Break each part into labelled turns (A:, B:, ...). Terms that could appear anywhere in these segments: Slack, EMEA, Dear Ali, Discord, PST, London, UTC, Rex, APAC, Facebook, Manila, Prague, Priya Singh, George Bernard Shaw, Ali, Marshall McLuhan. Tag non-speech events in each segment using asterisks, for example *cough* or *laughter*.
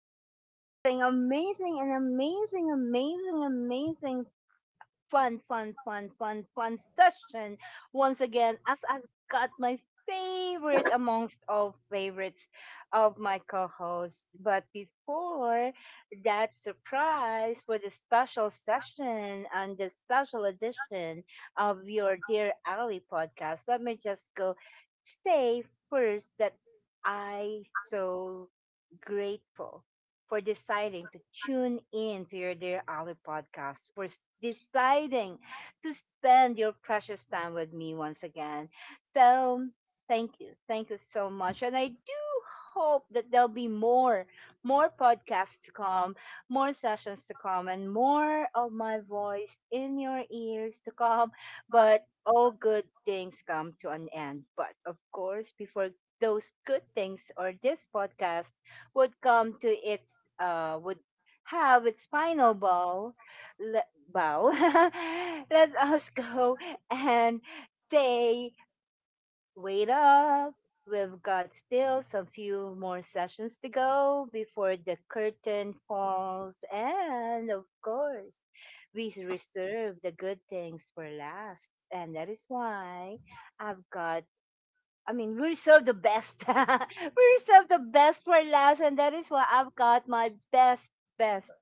A: it's amazing, amazing, and amazing, amazing, amazing fun, fun, fun, fun, fun session once again as I've got my favorite amongst all favorites of my co-hosts. But before that surprise for the special session and the special edition of your Dear Ali podcast, let me just go say first that I so grateful for deciding to tune in to your Dear Ali podcast, deciding to spend your precious time with me once again. So, thank you. Thank you so much. And I do hope that there'll be more podcasts to come, more sessions to come, and more of my voice in your ears to come. But all good things come to an end. But of course, before those good things or this podcast would come to its would have its final bow bow. *laughs* Let us go and say, wait up, we've got still some few more sessions to go before the curtain falls, and of course we reserve the good things for last, and that is why i've got I mean, we reserve the best. *laughs* We reserve the best for last, and that is why I've got my best, best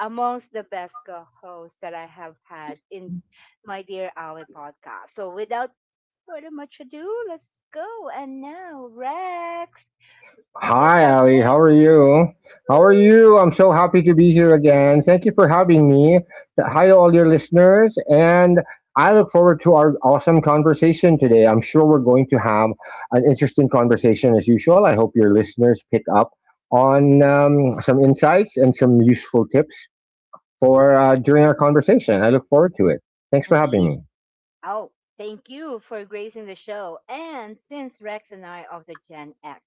A: amongst the best co-hosts that I have had in my dear Ali podcast. So, without further much ado, let's go. And now, Rex, let's
B: Hi,
A: have
B: Ali.
A: Rex.
B: How are you? How are you? I'm so happy to be here again. Thank you for having me. Hi to all your listeners. And I look forward to our awesome conversation today. I'm sure we're going to have an interesting conversation as usual. I hope your listeners pick up on some insights and some useful tips for during our conversation. I look forward to it. Thanks for having
A: Indeed.
B: me.
A: Oh, thank you for gracing the show. And since Rex and I are of the Gen X.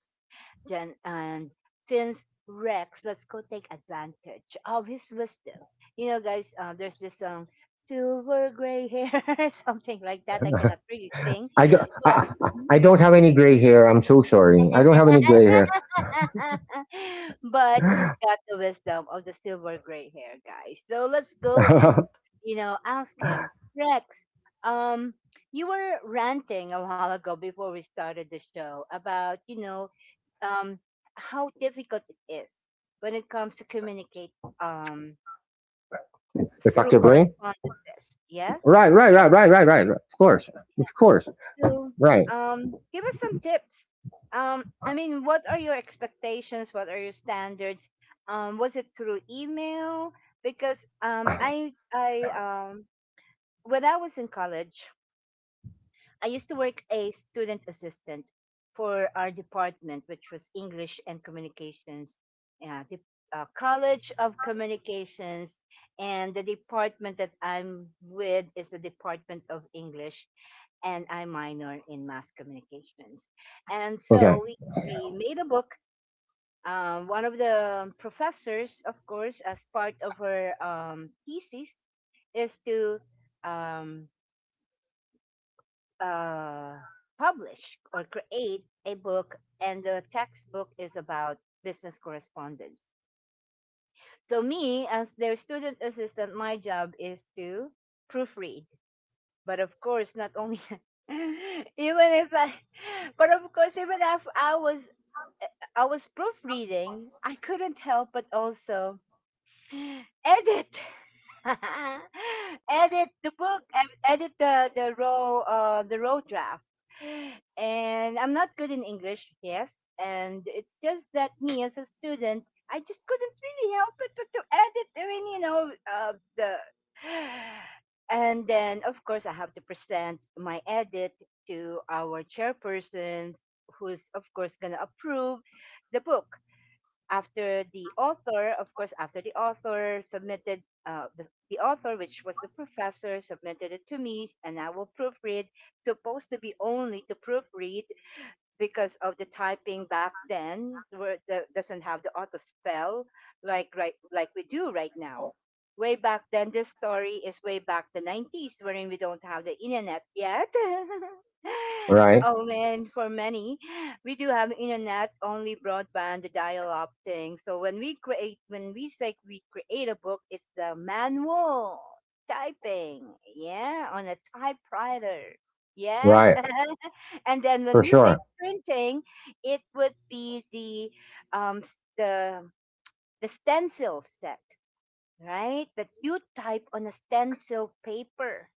A: Jen, and since Rex, let's go take advantage of his wisdom. You know, guys, there's this song, Silver Gray Hair, *laughs* something like that. I cannot really sing,
B: I don't,
A: but
B: I, I I don't have any gray hair. I'm so
A: *laughs*
B: sorry. I don't have any gray hair.
A: *laughs* but he's got the wisdom of the silver gray hair, guys. So let's go and, you know, ask him, Rex. Um, you were ranting a while ago before we started the show about, you know, um, how difficult it is when it comes to communicate um
B: *laughs*
A: through
B: Effectively.
A: correspondences. Yes,
B: Right, right, right, right, right, right. Of course, of course.
A: to
B: Right.
A: give us some tips. I mean, what are your expectations? What are your standards? Was it through email? Because when I was in college, I used to work a student assistant for our department, which was English and Communications, yeah, the College of Communications, and the department that I'm with is the Department of English, and I minor in Mass Communications, and
B: Okay.
A: so we made a book. One of the professors, of course, as part of her thesis, is to um, uh, publish or create a book, and the textbook is about business correspondence. So, me as their student assistant, my job is to proofread. But of course, not only, *laughs* even if I, but of course, even if eh, I was proofreading, I couldn't help but also edit. *laughs* Edit the book, edit the raw the raw draft. And I'm not good in english, yes, and it's just that me as a student, I just couldn't really help it but to edit. I mean, you know the *sighs* and then of course I have to present my edit to our chairperson, who's of course going to approve the book after the author, of course, after the author submitted, the author, which was the professor, submitted it to me, and I will proofread, supposed to be only to proofread, because of the typing back then where doesn't have the auto spell like right like we do right now. Way back then, this story is way back the 90s, wherein we don't have the internet yet. *laughs*
B: Right.
A: Oh man, for many, we do have internet, only broadband, the dial-up thing. So when we create, when we say we create a book, it's the manual typing, yeah, on a typewriter, yeah.
B: Right.
A: *laughs* And then when
B: For
A: we say
B: sure.
A: printing, it would be the um s- the the stencil set, right? That you type on a stencil paper,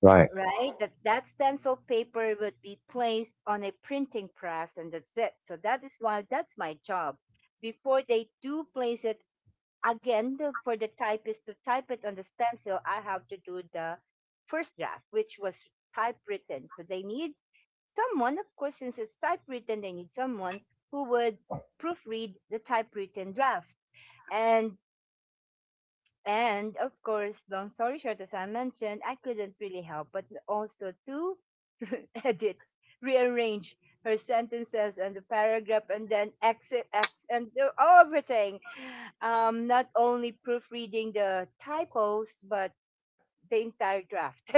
B: Right.
A: right? That that stencil paper would be placed on a printing press, and that's it. So that is why that's my job. Before they do place it again the, for the typist to type it on the stencil, I have to do the first draft, which was typewritten. So they need someone, of course, since it's typewritten, they need someone who would proofread the typewritten draft. And and of course, long story short, as I mentioned, I couldn't really help but also to *laughs* edit, rearrange her sentences and the paragraph, and then exit, X, and do everything. Not only proofreading the typos, but the entire draft.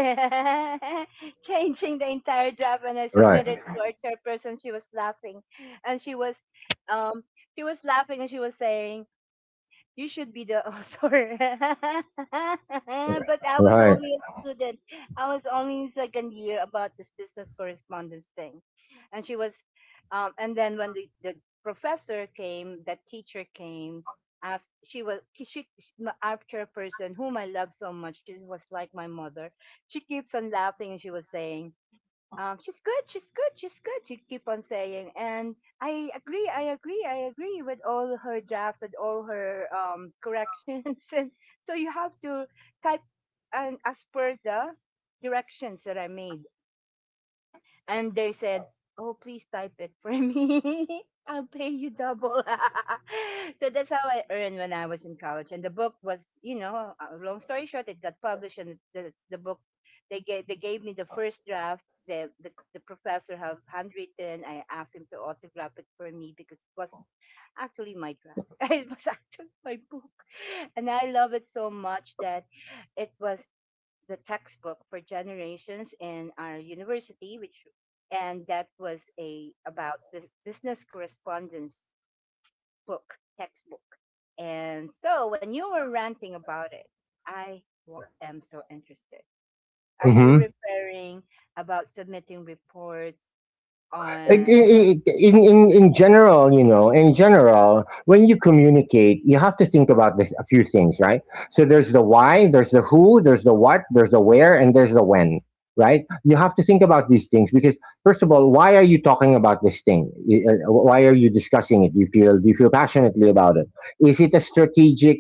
A: *laughs* Changing the entire draft, and I
B: Right.
A: submitted to our chairperson. She was laughing and um she was laughing and she was saying, you should be the author. *laughs* But I was
B: Right.
A: only a student. I was only in second year about this business correspondence thing. And she was, and then when the professor came, that teacher came, asked, she was, she my- our chairperson, whom I love so much, she was like my mother. She keeps on laughing and she was saying, she's good, she's good, she's good. She keep on saying, and I agree, I agree, I agree with all her drafts and all her corrections. *laughs* And so you have to type and as per the directions that I made, and they said, "Oh, please type it for me. *laughs* I'll pay you double." *laughs* So that's how I earned when I was in college. And the book was, you know, long story short, it got published, and the book they gave me the first draft. The professor have handwritten. I asked him to autograph it for me because it was actually my draft. *laughs* It was actually my book, and I love it so much that it was the textbook for generations in our university, which, and that was a about the business correspondence book textbook. And so when you were ranting about it, am so interested. Are you
B: Mm-hmm.
A: referring about submitting reports on?
B: In, in general, when you communicate, you have to think about this, a few things, right? So there's the why, there's the who, there's the what, there's the where, and there's the when, right? You have to think about these things because, first of all, why are you talking about this thing? Why are you discussing it? Do you feel passionately about it? Is it a strategic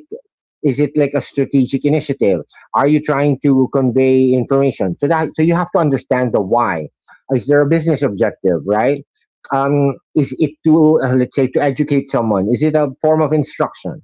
B: Is it like a strategic initiative? Are you trying to convey information? So you have to understand the why. Is there a business objective, right? Is it to, let's say, to educate someone? Is it a form of instruction?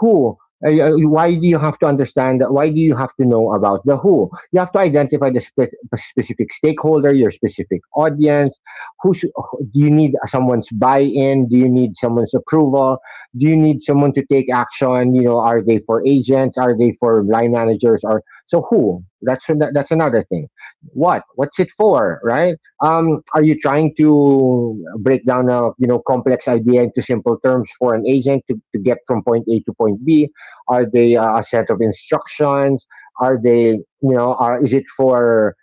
B: Who? Why do you have to understand? Why do you have to know about the who? You have to identify the specific stakeholder, your specific audience. Do you need someone's buy-in? Do you need someone's approval? Do you need someone to take action? You know, are they for agents? Are they for line managers? Or so who? That's another thing. What? What's it for? Right? Are you trying to break down a complex idea into simple terms for an agent to get from point A to point B? Are they a set of instructions? Are they you know? Are, is it for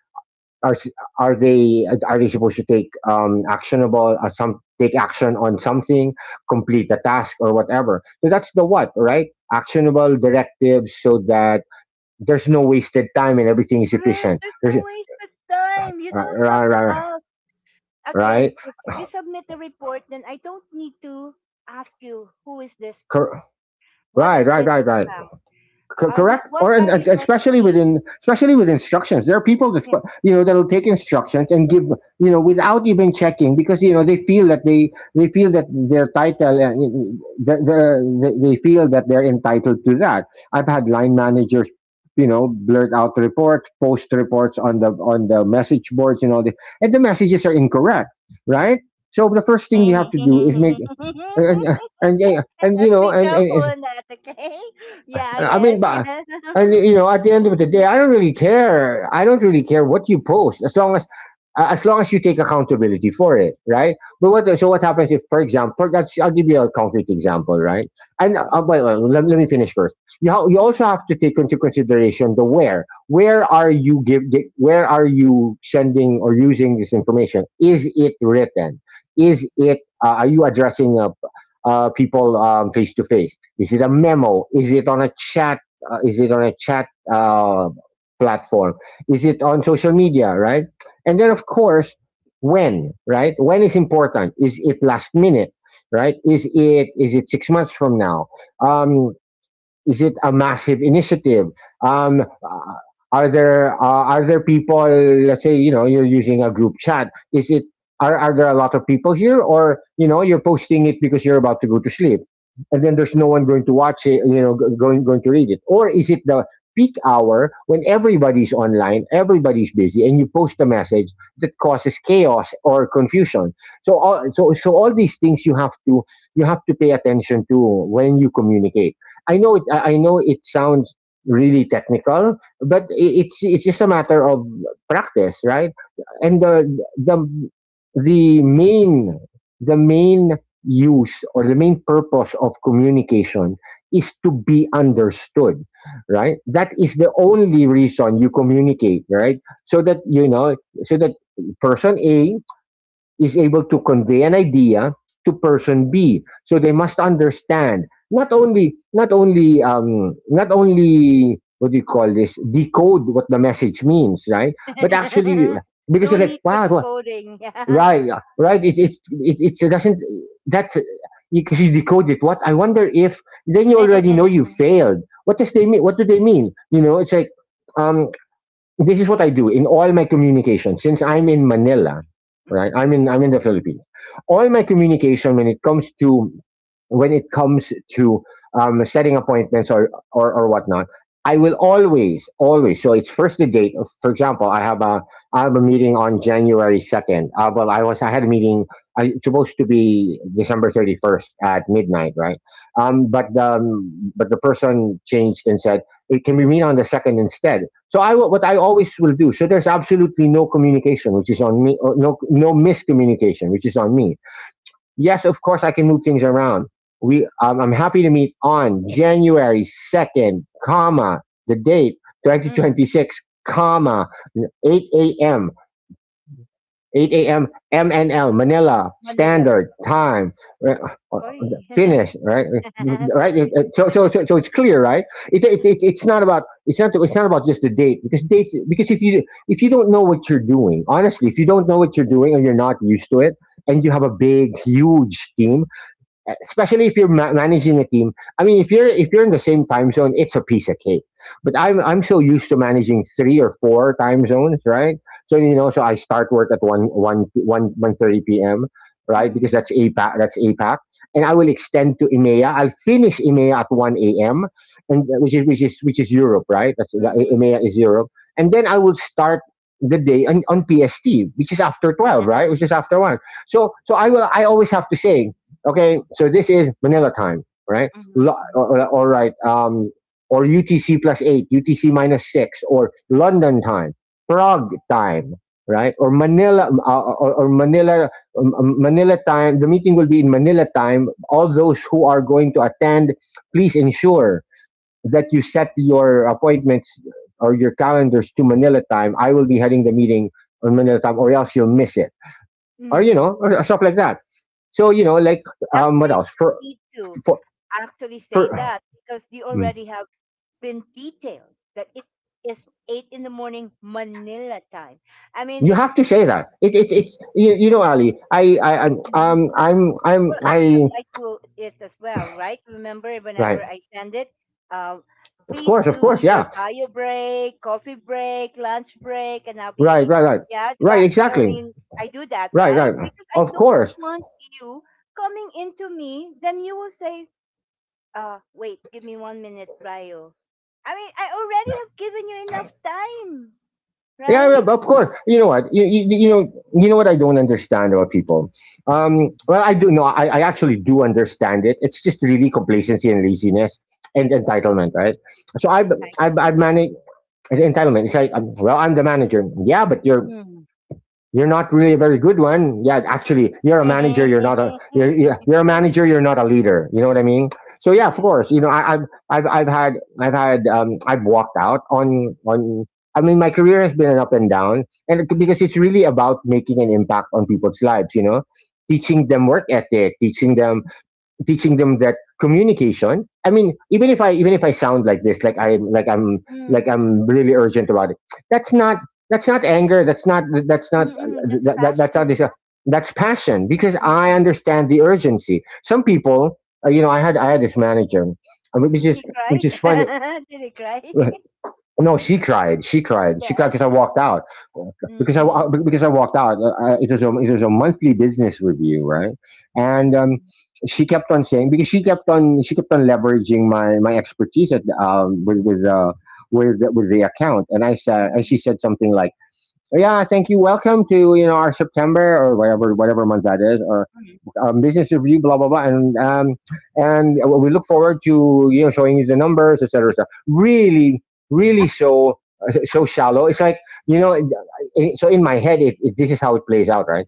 B: are s- are they supposed to take actionable, some take action on something, complete a task or whatever. So that's the what, right? Actionable directives, so that there's no wasted time and everything is
A: Correct.
B: efficient
A: There's
B: there's, uh,
A: no wasted time. You don't have
B: Right,
A: to
B: right,
A: ask again.
B: right
A: If you submit a report, then I don't need to ask you who is this for,
B: Cor-
A: what
B: right,
A: is
B: right,
A: this
B: right, right.
A: about.
B: Co-
A: Are we?
B: correct
A: What
B: or and,
A: are
B: and
A: we going to
B: especially
A: need?
B: within especially with instructions, there are people that
A: Yeah.
B: that'll take instructions and give, without even checking, because they feel that they feel that their title, they feel that they're entitled to that. I've had line managers, blurt out reports, post reports on the message boards and all this, and the messages are incorrect, right? So the first thing you have to do is make
A: *laughs*
B: and and you
A: Let's
B: know
A: be careful
B: and
A: in that, okay? *laughs* Yeah,
B: I mean,
A: yes,
B: but,
A: yes. *laughs*
B: at the end of the day,
A: Mhm.
B: I don't really care. I don't really care what you post, as long as, you take accountability for it, right? But what so what happens if, for example, that's I'll give you a concrete example, right? And wait, wait, let me finish first. You also have
A: Mhm.
B: to take into consideration the where. Where are you give gi- Where are you sending or using this information? Is it written? Is it? Are you addressing, people, face to face? Is it a memo? Is it on a chat? Is it on a chat, platform? Is it on social media, right? And then, of course, when, right? When is important? Is it last minute, right? Is it 6 months from now? Um, is it a massive initiative? Um, uh, are there, people? Let's say, you're using a group chat. Is it are there a lot of people here, or you're posting it because you're about to go to sleep, and then there's no one going to watch it, going to read it, or is it the peak hour when everybody's online, everybody's busy, and you post a message that causes chaos or confusion. So all these things you have to, pay attention to when you communicate. I know it. I know it sounds really technical, but it's just a matter of practice, right? And the the main the main use, or the main purpose of communication, is to be understood, right? That is the only reason you communicate, right? So that you know so that person A is able to convey an idea to person B. So they must understand, not, only not only not only what do you call this, decode what the message means, right? But actually,
A: *laughs*
B: because
A: No
B: you're
A: need
B: like,
A: for
B: wow, what?
A: decoding. Yeah.
B: Right. It doesn't, that's because you decode it. What? I wonder if then you already know you
A: *laughs*
B: failed. What does they mean? What do they mean? You know, it's like. Um, this is what I do in all my communication. Since I'm in Manila, right?
A: Mm.
B: I'm in the Philippines. All my communication when it comes to setting appointments, or whatnot, I will always. So it's first the date. For example, I have a meeting on January 2. Well, I had a meeting. I It's supposed to be December 31st at midnight, right? But the person changed and said, it can we meet on the second instead? What I always will do. So there's absolutely no communication, which is on me. Or, no miscommunication, which is on me. Yes, of course I can move things around. We I'm happy to meet on January 2, comma, the date
A: Mm.
B: 2026, comma, 8 a.m. 8 a.m. MNL, Manila
A: Manila.
B: Standard Time. Right? uh,
A: Sorry.
B: Finish, right,
A: *laughs*
B: right.
A: Sorry.
B: So, it's clear, right? It, it's not about just the date, because dates, because if you don't know what you're doing, honestly, if you don't know what you're doing and you're not used to it, and you have a big, huge team, especially if you're managing a team. I mean, if you're, in the same time zone, it's a piece of cake. But I'm so used to managing 3 or 4 time zones, right? So I start work at one one one one thirty p.m. Right, because
A: Mm.
B: that's APAC, that's APAC, and I will extend to EMEA. I'll finish EMEA at 1 a.m., and which is Europe, right? That's
A: Mm.
B: EMEA, is Europe, and then I will start the day on PST, which is after 12, right? Which is
A: *laughs*
B: after one. So I always have to say, okay, so this is Manila time, right?
A: Mhm,
B: Lo-
A: mhm.
B: or- All right, um, or UTC+8, UTC-6, or London time, Prague
A: Yes.
B: time, right? Or Manila, Manila time. The meeting will be in Manila time. All those who are going to attend, please ensure that you set your appointments, or your calendars, to Manila time. I will be heading the meeting on Manila time, or else you'll miss it,
A: Mm.
B: or stuff like that. So, what
A: Actually,
B: else?
A: you need to
B: For
A: actually say
B: for
A: that because you
B: mm.
A: already have been detailed that it is 8 in the morning Manila time. I mean,
B: You
A: it's
B: have to say that it's, you know, Ali. I
A: Mhm.
B: I'm
A: Well,
B: I
A: actually, I do it as well, right? Remember, whenever
B: right,
A: I send it, uh,
B: of
A: please
B: course, of
A: do
B: course.
A: your
B: Yeah,
A: bio break, coffee break, lunch break, and I'll
B: right,
A: be,
B: right, right,
A: yeah, di
B: right,
A: ba? I
B: exactly,
A: mean, I do that,
B: right,
A: right?
B: right,
A: Because I
B: of
A: don't
B: course.
A: want you coming into me, then you will say, wait, give me 1 minute, Brio. I mean, I already have given you enough time,
B: Yeah, yeah,
A: right?
B: of course. You know what? You know what I don't understand about people? Well, I do. No I actually do understand it. It's just really complacency and laziness and entitlement, right? So I've
A: Entitlement.
B: managed entitlement. It's like, well, I'm the manager. Yeah, but you're
A: Hmm.
B: you're not really a very good one. Yeah, actually, you're a manager. You're a manager.
A: *laughs*
B: You're not a leader. You know what I mean? So yeah, of course. You know,
A: Yes.
B: I, I've had I've had I've walked out on. I mean, my career has been an up and down, and
A: Mm.
B: because it's really about making an impact on people's lives. You know, teaching them
A: Wow.
B: work ethic, teaching them that communication. I mean, even if I sound like this, like i like i'm like
A: Mm,
B: i'm
A: mm.
B: really urgent about it. That's not that's not anger. That's not that's not
A: Mm, mm, that's
B: that, that, that's not this —
A: passion.
B: that's passion, because
A: Mm,
B: I
A: mm,
B: understand the urgency. Some people — you know, I had this manager,
A: mm.
B: which
A: He
B: is
A: cried.
B: which is funny.
A: *laughs* Did he cry?
B: No, she
A: *laughs*
B: cried. She cried. She
A: Yes.
B: cried because I
A: See?
B: walked out. Because I
A: Mm-mm.
B: because I walked out. It was a monthly business review, right? And
A: Mm-mm.
B: she kept on saying, because she kept on leveraging my expertise at with with the account, and I said and
A: Mhm.
B: she said something like, "Yeah, thank you. Welcome to our September — or whatever month that is — or
A: Mm.
B: business review, blah blah blah, and and we look forward to showing you the numbers, et etc. etc." Really, really so shallow. It's like, you know, so in my head, this is how it plays out, right?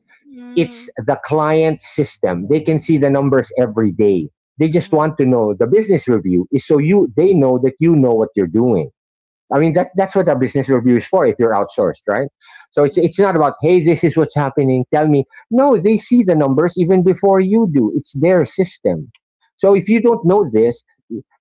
B: It's the client system. They can see the numbers every day. They just
A: Mm. Mm.
B: want to know the business review is so you they know that you know what you're doing. I mean, that's what a business review is for if you're outsourced, right? So it's,
A: Mm.
B: it's not about, "Hey, this is what's happening. Tell me." No, they see the numbers even before you do. It's their system. So if
A: Mm.
B: you don't know this,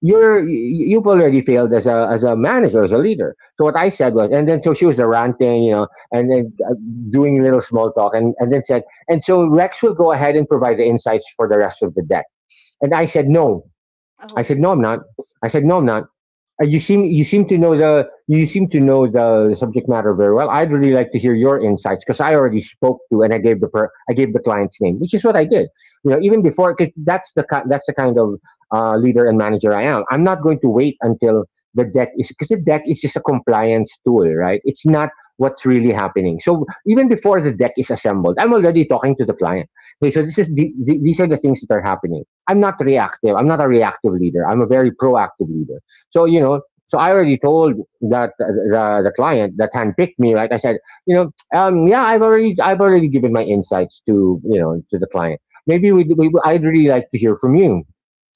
B: you've already failed as a manager, as a leader. So what I said was — and then so she was ranting, and then
A: Mm.
B: doing a little small talk, and then said, "And so Rex will go ahead and provide the insights for the rest of the deck." And I said, no. I said,
A: Oh.
B: no, I'm not. I said, no, I'm not. You seem to know the subject matter very well. I'd really like to hear your insights, because I already spoke to — and I gave the I gave the client's name, which is what I did. You know, even before — because that's the kind of leader and manager I am. I'm not going to wait until the deck is because the deck is just a compliance tool, right? It's not what's really happening. So even before the deck is assembled, I'm already talking to the client. Hey, so this is the, these are the things that are happening. I'm not reactive. I'm not a reactive leader. I'm a very proactive leader, so so I already told that uh, the client that handpicked me, right? I said, you know, yeah, I've already given my insights to to the client. Maybe we I'd really like to hear from you.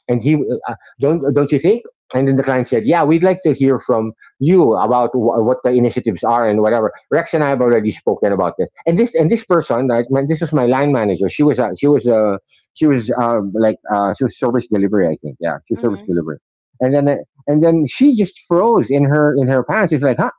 B: And he, don't you think? And then the client said, "Yeah, we'd like to hear from you about what the initiatives are and whatever. Rex and I have already spoken about this." And this — this was my line manager. She was service delivery, I think. Yeah, she was service
A: Mm.
B: delivery. And then uh, and then she just froze in her pants. She's like, "Huh?"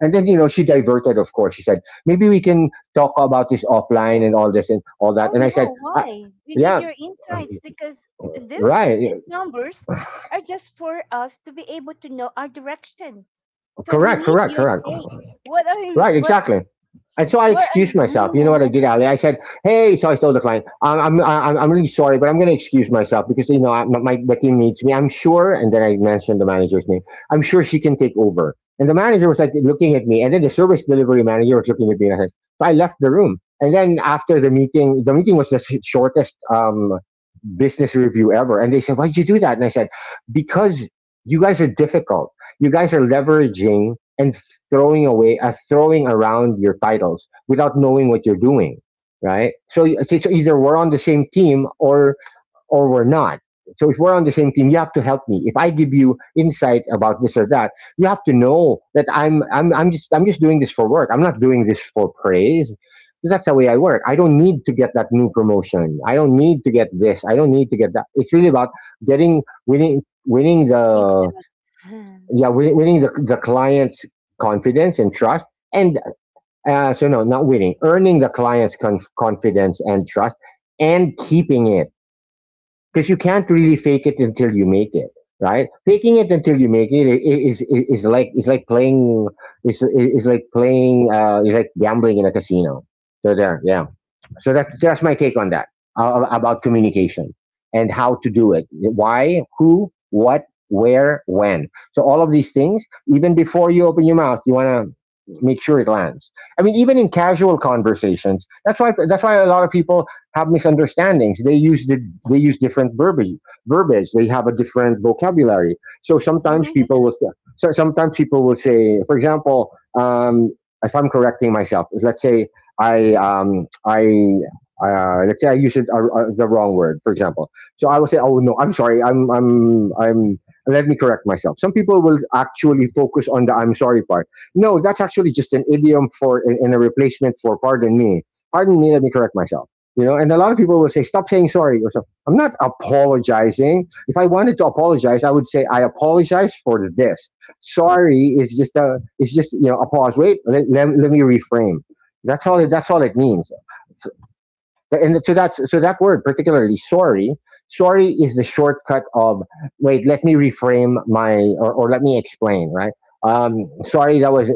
B: And then she diverted. Of course, she said, "Maybe we can talk about this offline," and all this and all that.
A: Oh
B: And I said,
A: no, why? We need
B: yeah,
A: your insights because this
B: right.
A: these numbers are just for us to be able to know our direction. So we
B: Correct,
A: need
B: correct,
A: your
B: correct.
A: take. What are you
B: Right, exactly. And so I
A: what
B: excused myself.
A: *laughs*
B: You know what I did, Ali? I said, "Hey," so I told the client, "I'm really sorry, but I'm going to excuse myself because I, my team needs me. I'm sure." And then I mentioned the manager's name. "I'm sure she can take over." And the manager was like looking at me, and then the service delivery manager was looking at me. And I said — so I left the room. And then after the meeting — the meeting was the shortest business review ever. And they said, "Why'd you do that?" And I said, "Because you guys are difficult. You guys are leveraging and throwing around your titles without knowing what you're doing. Right, so it's either we're on the same team or we're not. So if we're on the same team, you have to help me. If I give you insight about this or that, you have to know that I'm just doing this for work. I'm not doing this for praise, because that's the way I work. I don't need to get that new promotion, I don't need to get this, I don't need to get that. It's really about getting winning winning
A: Thanks
B: the —
A: a lot.
B: yeah, winning the client's confidence and trust. And so — no, not winning, earning the client's confidence and trust, and keeping it, because you
A: *laughs*
B: can't really fake it until you make it. Right, faking it until you make it is is like it's like playing it's like gambling in a casino. So there, yeah. So that's my take on that, about communication and how to do it. Why, who, what, where, when. So all of these things — even before you open your mouth, you want to make sure it lands. I mean, even in casual conversations, that's why a lot of people have misunderstandings. They use the — they use different verbiage. They have a different vocabulary. So sometimes
A: Mhm,
B: people will so sometimes people will say, for example, um, if I'm correcting myself — let's say I — let's say I use it — the wrong word, for example. So I will say, 'Oh no, I'm sorry. I'm." Let me correct myself. Some people will actually focus on the 'I'm sorry' part. No, that's actually just an idiom for — and a replacement for 'Pardon me.' Pardon me, let me correct myself. You know, and a lot of people will say, 'Stop saying sorry,' or something. I'm not apologizing. If I wanted to apologize, I would say, 'I apologize for this.' Sorry is just a. It's just a pause. Wait. Let me reframe — that's all. That's all it means. So- And so that word particularly — sorry. Sorry is the shortcut of "Wait, let me reframe my or let me explain." Right. Sorry, that was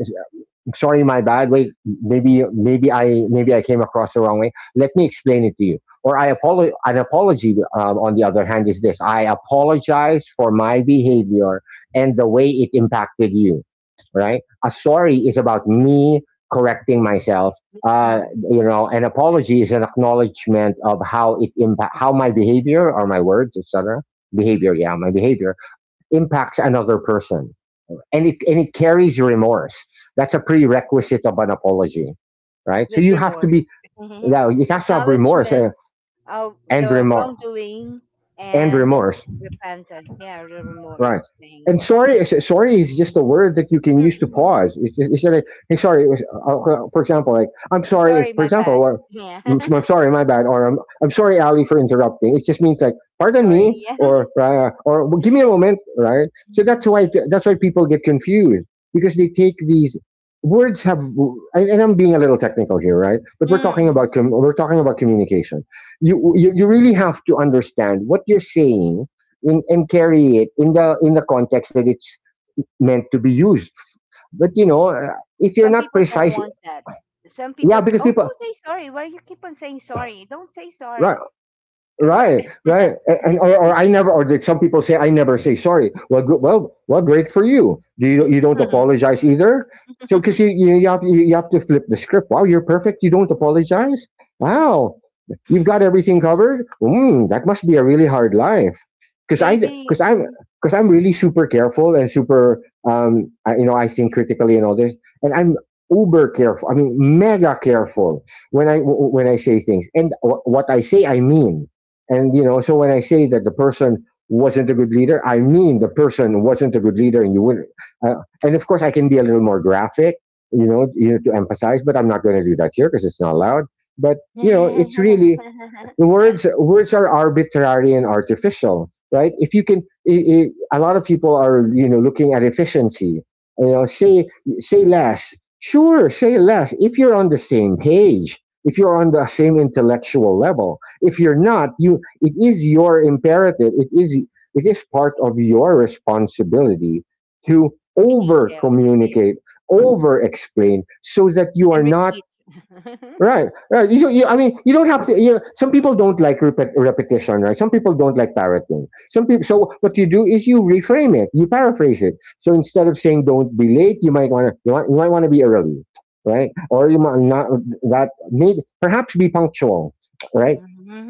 B: sorry, my bad. Wait, maybe I came across the wrong way. Let me explain it to you. Or, an apology, on the other hand, is this: I apologize for my behavior and the way it impacted you. Right? A sorry is about me correcting myself. uh,
A: mhm.
B: you know an apology is an acknowledgement of how it impact — how my behavior or my words, etc. — behavior, yeah, my behavior — impacts another person, and it carries remorse. That's a prerequisite of an apology, right? So
A: With
B: you have to
A: remorse.
B: be —
A: *laughs*
B: now, it has to have remorse,
A: Acknowledgement of
B: and
A: the
B: remorse,
A: wrongdoing
B: and
A: and
B: remorse.
A: repentance. Yeah, the
B: Right.
A: remorse thing.
B: And sorry,
A: Yeah.
B: sorry is just a word that you can use to
A: Mm-mm.
B: pause. It's like, "Hey, sorry. It was," for example, like, "I'm
A: I'm
B: sorry, if,
A: sorry,
B: for
A: my
B: example,"
A: bad.
B: or,
A: Yeah. *laughs*
B: I'm sorry, my bad," or, I'm sorry, Ali, for interrupting." It just means, like, "Pardon me,"
A: Sorry.
B: or, "Right," or, "Well, give me a moment," right? So that's
A: Mhm.
B: why that's why people get confused, because they take these — words have. And I'm being a little technical here, right? But we're talking
A: Mm.
B: about communication. You really have to understand what you're saying in, and carry it in the context that it's meant to be used. But if you're
A: Some
B: not
A: people don't
B: precise —
A: want that. Some people,
B: yeah, because
A: oh,
B: people —
A: don't say sorry. Why you keep on saying sorry? Don't say
B: right.
A: sorry. What-
B: Right, right.
A: *laughs*
B: And, or I never — or like some people say, "I never say sorry." Well, good. Well, great for you. Do you don't
A: Mhm.
B: apologize either? So because you,
A: *laughs*
B: you you have you have to flip the script. "Wow, you're perfect. You don't apologize. Wow, you've got everything covered." Mm, that must be a really hard life. Because I
A: Maybe.
B: because I'm
A: Mhm.
B: because I'm really super careful and super — I, you know I think critically and all this, and I'm uber careful. I mean, mega careful when I when I say things, and what I say I mean. And so when I say that the person wasn't a good leader, I mean the person wasn't a good leader, and you wouldn't. Uh, and of course, I can be a little more graphic, to emphasize, but I'm not going to do that here because it's not allowed. But you know, it's really the
A: *laughs*
B: words are arbitrary and artificial, right? If you can, i i, a lot of people are, you know, looking at efficiency. You know, say less. Sure, say less if you're on the same page, if you're on the same intellectual level. If you're not, you, it is your imperative, it is, it is part of your responsibility to
A: To be
B: over
A: detailed, yeah,
B: communicate, over explain so that you
A: and
B: are not—
A: repeat.
B: Right,
A: *laughs*
B: right. You, I mean, you don't have to. You some people don't like repetition, right? Some people don't like parroting. Some people. So what you do is you reframe it, you paraphrase it. So instead of saying "don't be late," you might want to you might want to be early, right? Or you might not— that, maybe, perhaps, be punctual, right?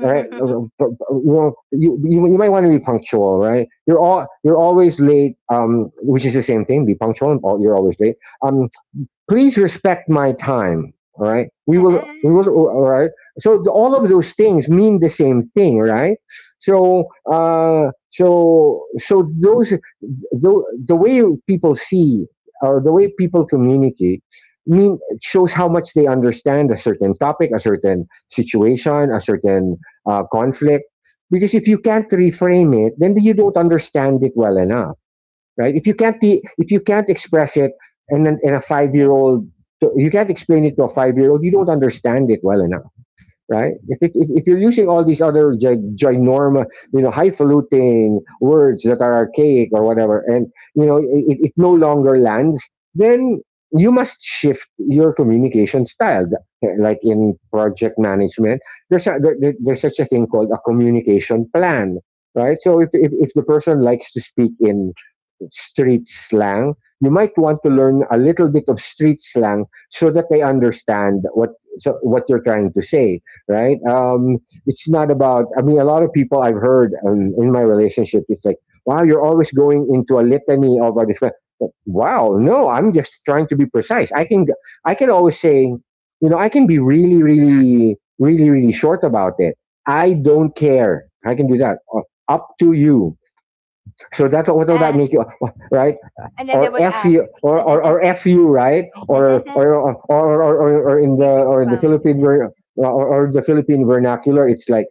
B: Right, you know, you might want to be punctual, right? You're always late, which is the same thing. Be punctual, and you're always late. Um, please respect my time, all right? We will,
A: *laughs*
B: all right. So the— all of those things mean the same thing, right? So uh so so those— the way people see, or the way people communicate, mean shows how much they understand a certain topic, a certain situation, a certain conflict, because if you can't reframe it, then you don't understand it well enough, right? If you can't if you can't express it, and then in a 5-year
A: Yeah.
B: old, you can't explain it to a 5-year old. You don't understand it well enough, right? If, it, if you're using all these other ginormous, you know, highfalutin words that are archaic or whatever, and you know, it, no longer lands, then you must shift your communication style. Like in project management, there's such a thing called a communication plan, right? So if the person likes to speak in street slang, you might want to learn a little bit of street slang so that they understand what, so what you're trying to say, right? It's not about— I mean, a lot of people I've heard, in my relationship, it's like, "Wow, you're always going into a litany of a different." Wow, no, I'm just trying to be precise. I can always say, you know, I can be really, really, really, really short about it. I don't care. I can do that. Or— up to you. So that's what will that
A: Uh,
B: make you, right?
A: and then they would ask, *laughs*
B: Or fu right, or in the—
A: please
B: or in the
A: expound.
B: Philippine ver- or the Philippine vernacular, it's like,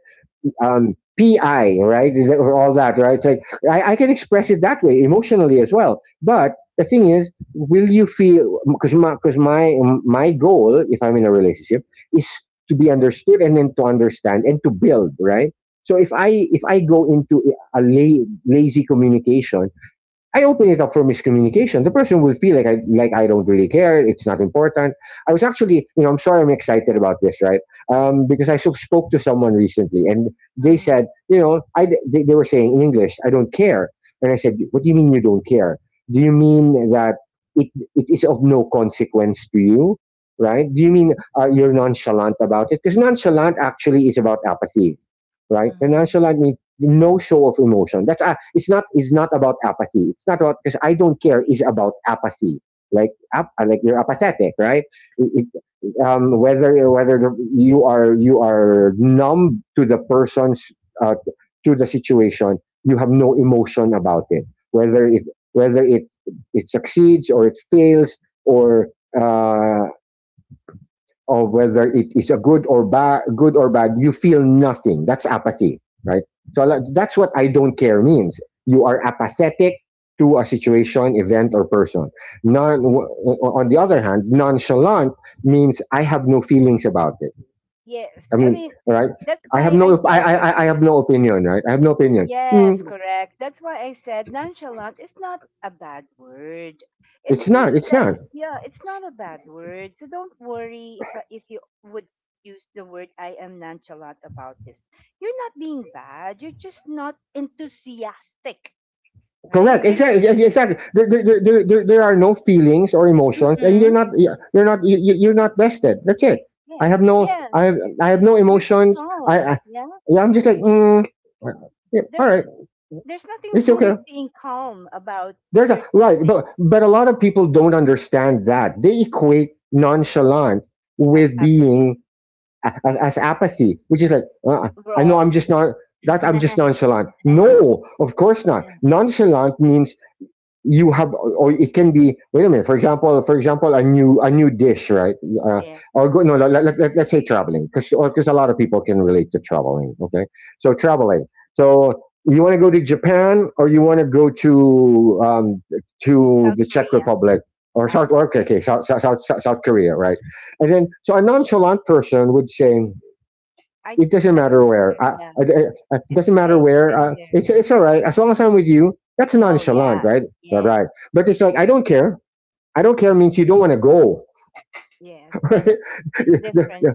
B: pi right, all that, right. It's like, I can express it that way emotionally as well, but the thing is, will you feel, because my, because my goal, if I'm in a relationship, is to be understood, and then to understand, and to build, right? So if I go into a lazy communication, I open it up for miscommunication. The person will feel like I, don't really care. It's not important. I was actually, you know, I'm sorry, I'm excited about this, right? Because I spoke to someone recently, and they
A: Mm.
B: said, you know, they were saying in English, "I don't care." And I said, "What do you mean you don't care? Do you mean that it it is of no consequence to you, right? Do you mean, you're nonchalant about it?" Because nonchalant actually is about apathy, right? So
A: Mhm.
B: nonchalant means no show of emotion. That's— it's not about apathy. It's not, about because I don't care is about apathy. Like, like, you're apathetic, right? It- it- whether, whether you are numb to the person's, uh, to the situation, you have no emotion about it. Whether it whether it succeeds or it fails, or uh, of whether it is a good or bad, you feel nothing. That's apathy, right? So that's what "I don't care" means. You are apathetic to a situation, event, or person. non w- on the other hand, nonchalant means, I have no feelings about it.
A: Yes,
B: I
A: I
B: mean,
A: mean
B: right?
A: that's
B: I have
A: why
B: no—
A: I
B: i
A: said.
B: i, I have no opinion, right? I have no opinion. Mm,
A: Yes, correct. That's why I said nonchalant is not a bad word. It's
B: it's not
A: just
B: it's
A: that
B: not
A: yeah, it's not a bad word. So don't worry if if you would use the word I am nonchalant about this. You're not being bad. You're just not enthusiastic, right?
B: correct.
A: There's
B: Exactly. Exactly. There are no feelings or emotions, and
A: mm.
B: you're not you're not vested. That's it. I have
A: Yes.
B: no
A: Yes.
B: I have I have no
A: You're just
B: emotions.
A: calm.
B: I
A: Yeah.
B: yeah, I'm just like, yeah, all
A: There,
B: right,
A: there's nothing *laughs*
B: it's
A: wrong
B: okay.
A: with being calm about
B: There's a—
A: certain
B: right, but
A: things
B: a lot of people don't understand that they equate nonchalant
A: as
B: with
A: apathy.
B: being— as apathy, which is like, I know, "I'm
A: Wrong.
B: just not that, I'm just nonchalant." No,
A: *laughs*
B: of course not. Nonchalant means, you have, or it can be— wait a minute— for example, a new dish, right? uh,
A: Yeah,
B: or, go— no, let us say traveling, because a lot of people can relate to traveling. Okay, so traveling. So you want to go to Japan, or you want to go to, to
A: South
B: the Czech
A: Korea.
B: Republic, or south,
A: Oh,
B: or— okay,
A: sure.
B: okay, South Korea, right? And then, so, a nonchalant person would say,
A: I
B: "It doesn't
A: I
B: matter
A: don't
B: where.
A: care. Yeah,
B: It
A: it's
B: doesn't matter
A: okay.
B: where.
A: Anywhere.
B: It's all right, as
A: Mm.
B: long as I'm with you." That's
A: Oh
B: nonchalant,
A: yeah.
B: right? All right.
A: Yes.
B: But it's like, "I don't care." "I don't care" means you don't want to go. *laughs*
A: Yes.
B: Right?
A: It's different.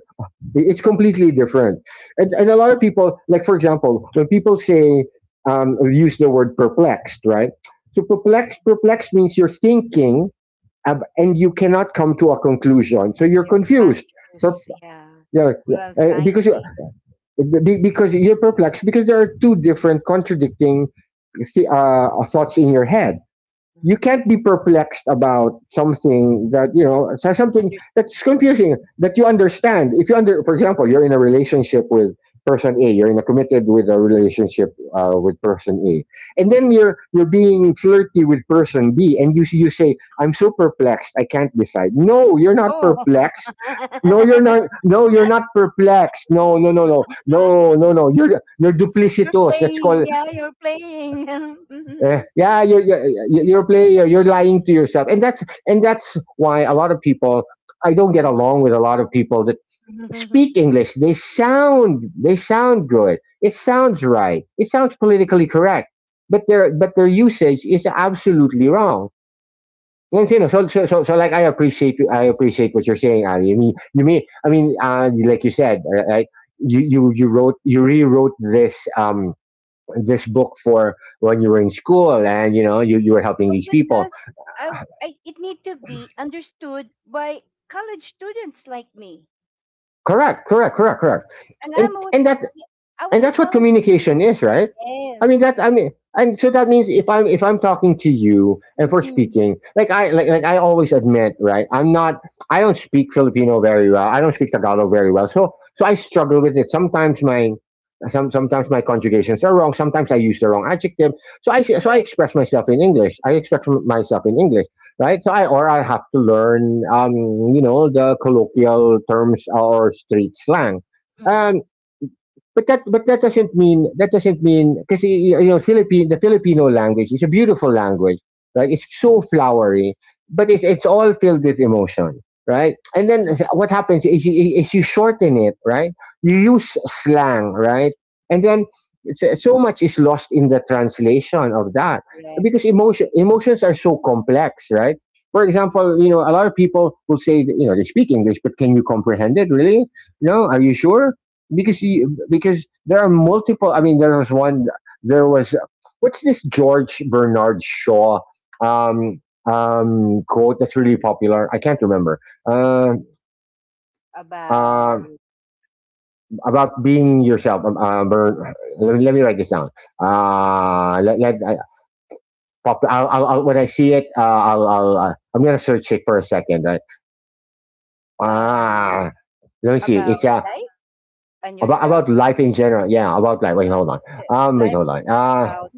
B: It's completely different. And a
A: Yes.
B: lot of people, like, for example, when people say, use the word "perplexed", right? So perplexed means you're thinking, and you cannot come to a conclusion, so you're
A: You're
B: confused. Per-
A: anxious. Yeah.
B: yeah, yeah.
A: Full of
B: Uh, because
A: anxiety.
B: because you're perplexed, because there are two different, contradicting thoughts in your head. You
A: Mm-hmm.
B: can't be perplexed about something that you know, something
A: Under
B: that's confusing, that you understand. If you under for example, you're in a relationship with person A. You're in a committed, with a relationship, with person A. And then, you're being flirty with person B, and you say, "I'm so perplexed, I can't decide." No, you're not
A: oh.
B: perplexed, no you're
A: *laughs*
B: not, no you're not perplexed, no, no, no, no, no, no, no, you're
A: You're
B: duplicitous. That's
A: playing.
B: called—
A: Yeah, you're playing.
B: yeah, you're,
A: *laughs*
B: you're you're player. You're lying to yourself, and that's, why a lot of people— I don't get
A: Mhm.
B: along with a lot of people that
A: Mhm.
B: speak
A: *laughs*
B: English. They sound good. It sounds right. It sounds politically correct, but their, usage is absolutely wrong. And you know, so, like, I appreciate what you're saying, Ali. I mean, like you said, right? You rewrote this, book for when you were in school, and you know, you were helping
A: Oh,
B: these people.
A: because I, I it need to be understood by college students like me.
B: Correct.
A: And
B: and
A: I'm always
B: and that
A: ye I
B: and
A: was a
B: that's what
A: college
B: communication
A: student.
B: is, right? I
A: Yes.
B: mean that, I mean, and so that means, if I'm talking to you, and for
A: Mm.
B: speaking— like I, like I always admit, right? I'm not— I don't speak Filipino very well, I don't speak Tagalog
A: Mm.
B: very well, so so I struggle with it sometimes. Sometimes my conjugations are wrong, sometimes I use the wrong adjective. So I
A: Correct.
B: express myself in English, I express myself in English. Right, so I, or I have to learn, you know, the colloquial terms, or street slang. um
A: Mhm.
B: but that doesn't mean— because, you know, Philippine the Filipino
A: Mhm.
B: language is a beautiful language, right? It's so flowery, but it's all filled with emotion, right? And then, what
A: *laughs*
B: happens is you shorten it, right? You use slang, right? And then, so much is lost in the translation of that, because
A: Correct.
B: emotions are so complex, right? For example,
A: Mhm.
B: you know, a lot of people will say that, you know, they speak English, but can you comprehend it really? No, are you sure? Because there are multiple— I mean, there was one— there was— what's this, George Bernard Shaw, um quote that's really popular? I can't remember. uh, uh
A: About,
B: about being yourself, Bern— let me write this down. Let, let I, pop, I'll- when I see it, I'm gonna search it for a second, right?
A: um,
B: ah let me see. it's
A: about
B: uh
A: life and
B: about
A: yourself,
B: about life in general, yeah, about life. Wait,
A: not
B: hold on.
A: the
B: Wait,
A: life
B: hold on.
A: isn't about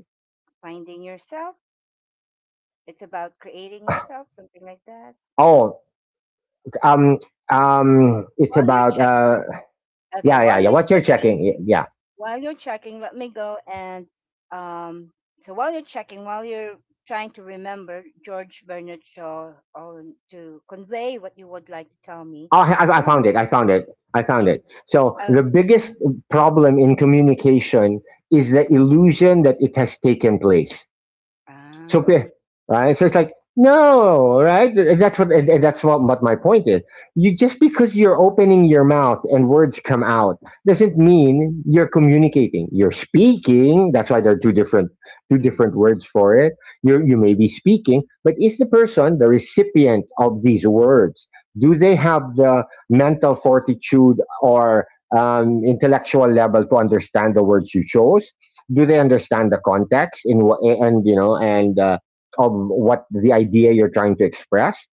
A: finding yourself, it's about creating yourself, something like that.
B: Oh. Um, it's
A: While you're
B: about,
A: checking, okay,
B: yeah, yeah,
A: while
B: yeah.
A: you're
B: What you're
A: checking,
B: checking, yeah.
A: while you're checking, let me go and um, so while you're checking, while you're trying to remember George Bernard Shaw or to convey what you would like to tell me,
B: Oh, I
A: I
B: I
A: would.
B: found
A: li-
B: it. I found it. I found
A: yeah,
B: it. So,
A: Uh,
B: "the biggest
A: mhm,
B: problem in
A: mhm,
B: communication is the
A: mhm.
B: illusion that it has taken place." So,
A: Ah,
B: right? So it's like, no, right? And that's what my point is. You just because you're opening your mouth and words come out doesn't mean you're communicating. You're speaking. That's why there are two different
A: mm.
B: words for it. You may be speaking, but is the person the recipient of these words? Do they have the mental fortitude or intellectual level to understand the words you chose? Do they understand the context in what and you know and of what the idea you're trying to express?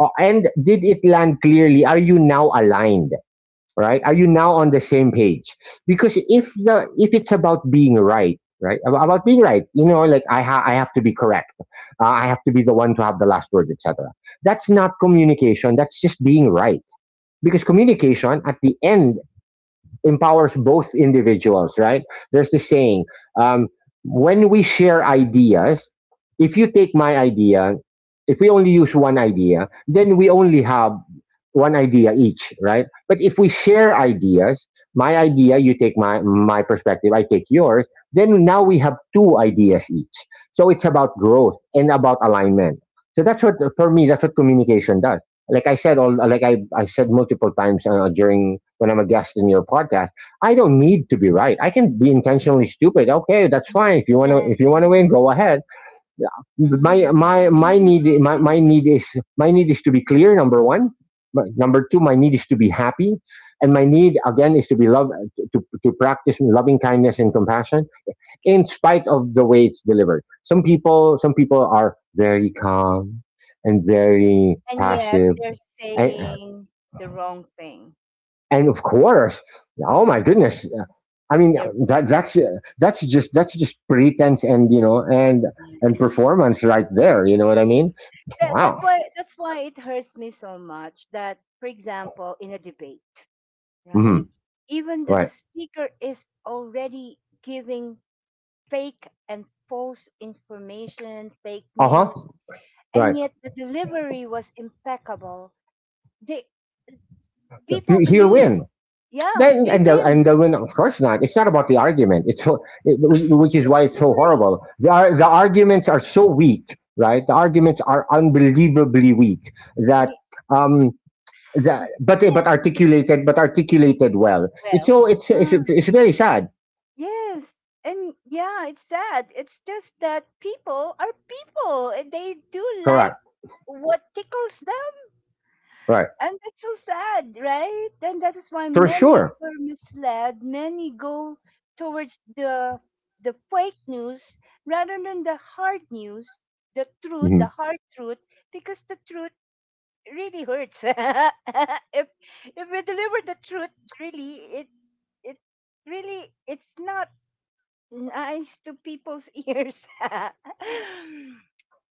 B: And did it land clearly? Are you now aligned, right? Are you now on the same page? Because if it's about being right, about being right, like I have to be correct, I have to be the one to have the last word, etc. That's not communication, that's just being right. Because communication at the end empowers both individuals, right? There's the saying, um, when we share ideas, if you take my idea, if we only use one idea, then we only have one idea each, right? But if we share ideas, my idea, you take my perspective, I take yours, then now we have two ideas each. So it's about growth and about alignment. So that's what, for me, that's what communication does. Like I said, all like I said multiple times during when I'm a guest in your podcast, I don't need to be right. I can be intentionally stupid. Okay, that's fine. If you want to win, go ahead. My
A: *laughs*
B: need is to be clear. Number one. Number two, my need is to be happy, and my need again is to be love, to practice loving kindness and compassion in spite of the way it's delivered. Some people are very calm and very
A: And yet
B: passive.
A: they're
B: I,
A: saying the wrong thing.
B: and of course, oh my
A: Yeah,
B: goodness, I mean,
A: they're.
B: that that's uh, that's just pretense, and
A: Yeah.
B: performance right there. You know what I mean?
A: That,
B: Wow.
A: that's why it hurts me so much that, for example, in a debate.
B: Hmm.
A: Right? Even though the
B: Right.
A: speaker is already giving fake and false information, fake
B: Uh huh.
A: news, and
B: Right.
A: yet the delivery was impeccable. They, people
B: He'll
A: believe,
B: win.
A: yeah,
B: Then
A: they win
B: and the win. Of course not. It's not about the argument. Which is why it's so
A: delivery.
B: horrible. The arguments are so weak. Right. The arguments are unbelievably weak that
A: Y-
B: um That, but eh,
A: yeah.
B: but articulated, but articulated well. It's
A: Well,
B: so, it's it's,
A: yeah,
B: it's very sad.
A: Yes. And yeah, it's sad. It's just that people are people and they do like
B: Correct.
A: what tickles.
B: Right.
A: And that's so sad, right? And that is why
B: For
A: many
B: sure.
A: are misled. Many go towards the fake news rather than the hard news, the truth,
B: Hmm.
A: the hard truth, because the truth really hurts. *laughs* If we deliver the truth, really, it it really it's not nice to people's *laughs* ears. *laughs*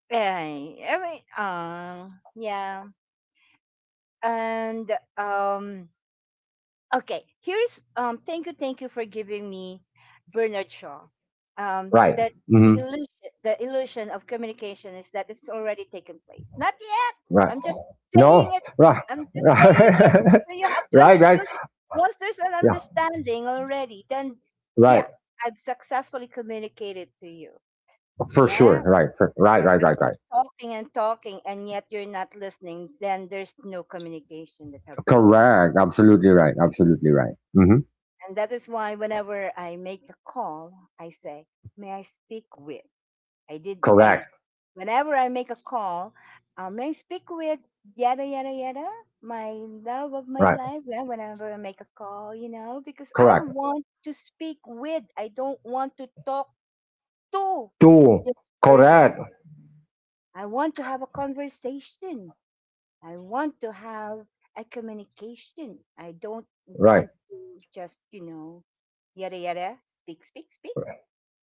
A: Ay, yeah, and um okay, here's thank you for giving me Bernard Shaw.
B: Right.
A: That the
B: Hmm.
A: illusion, the illusion of communication is that it's already taken place. Not yet.
B: Right.
A: I'm just saying
B: No.
A: it.
B: Right.
A: I'm
B: *laughs*
A: just saying it.
B: Right.
A: So you have to
B: Right.
A: understand it. Once there's an
B: Yeah.
A: understanding already, then
B: Right.
A: yes, I've successfully communicated to you.
B: For
A: Yeah.
B: sure. Right. Right. Right.
A: I'm
B: Right.
A: just
B: Right.
A: talking and talking and yet you're not listening, then there's no communication that have taken.
B: Correct. Absolutely right. Absolutely right. Hmm.
A: And that is why whenever I make a call, I say, "May I speak with?" I did. I
B: Correct.
A: Whenever I make a call, "May I speak with?" Yada yada yada. My love of
B: Right.
A: my life. Yeah, whenever I make a call, because
B: Correct.
A: I want to speak with. I don't want to talk to
B: Two.
A: this person.
B: Correct.
A: I want to have a conversation. I want to have a communication. I don't
B: Right.
A: want to just, yada yada, speak, speak, speak.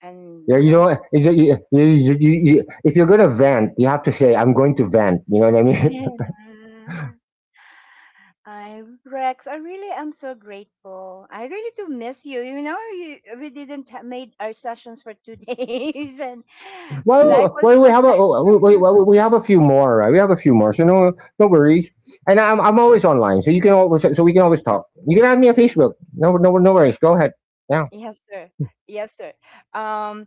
A: And,
B: Yeah,
A: you know,
B: if, you, if you're going to vent, you have to say, I'm going to vent. You know what I
A: *laughs*
B: mean? *laughs*
A: yeah. I'm Rex. I really am so grateful. I really do miss you. We didn't ha- made our sessions for two *laughs* days, and life
B: Well,
A: was
B: well,
A: so
B: we have a
A: sad.
B: well, we, well, we have a few more. Right? We have a few more, so no, no worries. And I'm always online, so you can always, so we can always talk. You can add me on Facebook.
A: *laughs*
B: No, no, no worries. Go ahead. Yeah.
A: Yes, sir. Yes, sir. Um,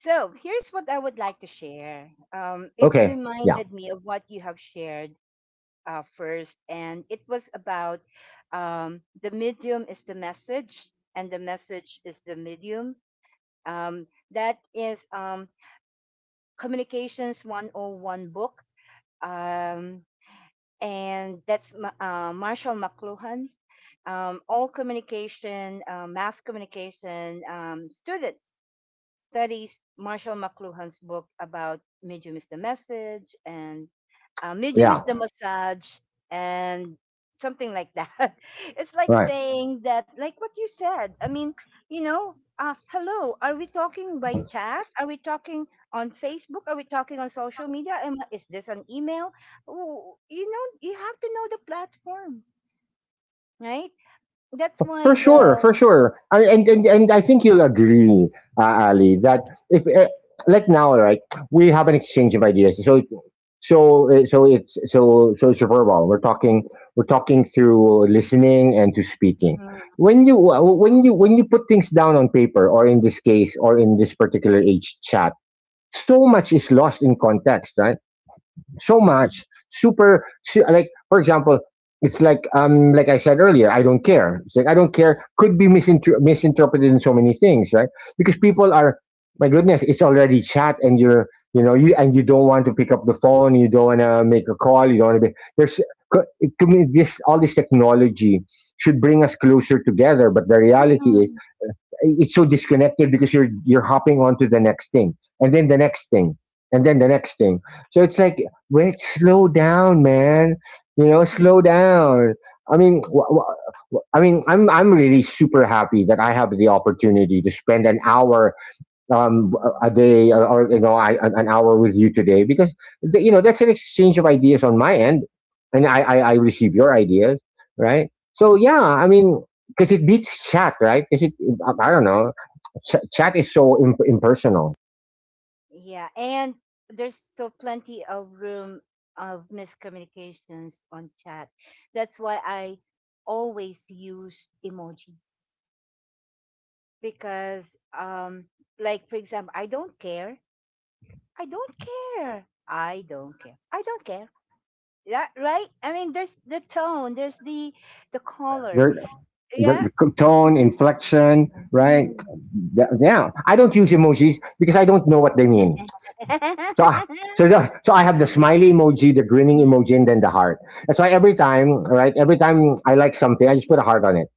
A: so here's what I would like to share. It
B: Okay. Yeah.
A: reminded me of what you have shared first, and it was about the medium is the message, and the message is the medium. Um, that is Communications 101 book, um, and that's Marshall McLuhan. All communication, mass communication students studies Marshall McLuhan's book about Medium is the Message and Medium
B: Yeah.
A: is the Massage and something like that. *laughs* It's like
B: Right.
A: saying that, like what you said. Hello, are we talking by chat? Are we talking on Facebook? Are we talking on social media? Is this an email? Ooh. You know, you have to know the platform, right? That's why
B: For sure,
A: the.
B: for sure. And I think you'll agree, Ali, that if like now, right, we have an exchange of ideas. So it's verbal. We're talking through listening and to speaking.
A: Mhm,
B: When you put things down on paper, or in this case, or in this particular age, chat, so much is lost in context, right? So
A: mhm,
B: much, super, like for example, it's like, like I said earlier, I don't care. It's like, I don't care could be misinterpreted in so many things, right? Because
A: mhm,
B: people are, my goodness, it's already chat, and you're, you, and you don't want to pick up the phone, you don't want to make a call, you don't want to be, there's to me, this all this technology should bring us closer together, but the reality is
A: mhm,
B: it's so disconnected, because you're hopping onto the next thing, and then the next thing, and then the next thing. So it's like, wait, slow down, man.
A: mhm,
B: Slow down. I mean wh- wh- i mean i'm i'm really super happy that I have the opportunity to spend an hour, um,
A: mhm,
B: a day, or, an hour with you today, because
A: mhm.
B: that's an exchange of ideas on my end, and I receive your ideas, right? So yeah, I mean, because it beats chat, right? Because it I don't know, chat is so impersonal.
A: Yeah, and there's still plenty of room of miscommunications on chat. That's why I always use emojis because, like for example, I don't care. I don't care. I don't care. I don't care. That right? I mean, there's the tone. There's the color.
B: There,
A: Yeah.
B: the c- tone, inflection, right?
A: Mhm.
B: Yeah, I don't use emojis because I don't know what they mean. So, ah, so, the,
A: *laughs*
B: so I have the smiley emoji, the grinning emoji, and then the heart. That's why every time, right? Every time I like something, I just put a heart on it.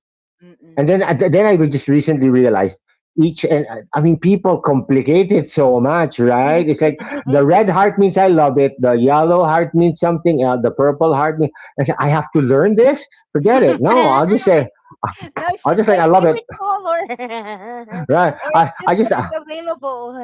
A: Mm-mm.
B: And then I will just recently realize each and, I mean, people complicate it so much, right? It's like, the red heart means I love it, the yellow heart means something else, the purple heart means, I say, I have to learn this. Forget it. No,
A: *laughs* No, it's
B: I'll
A: just
B: just
A: my
B: like, I love it,
A: favorite color. *laughs*
B: right?
A: Or it's just
B: I
A: what
B: just
A: is available.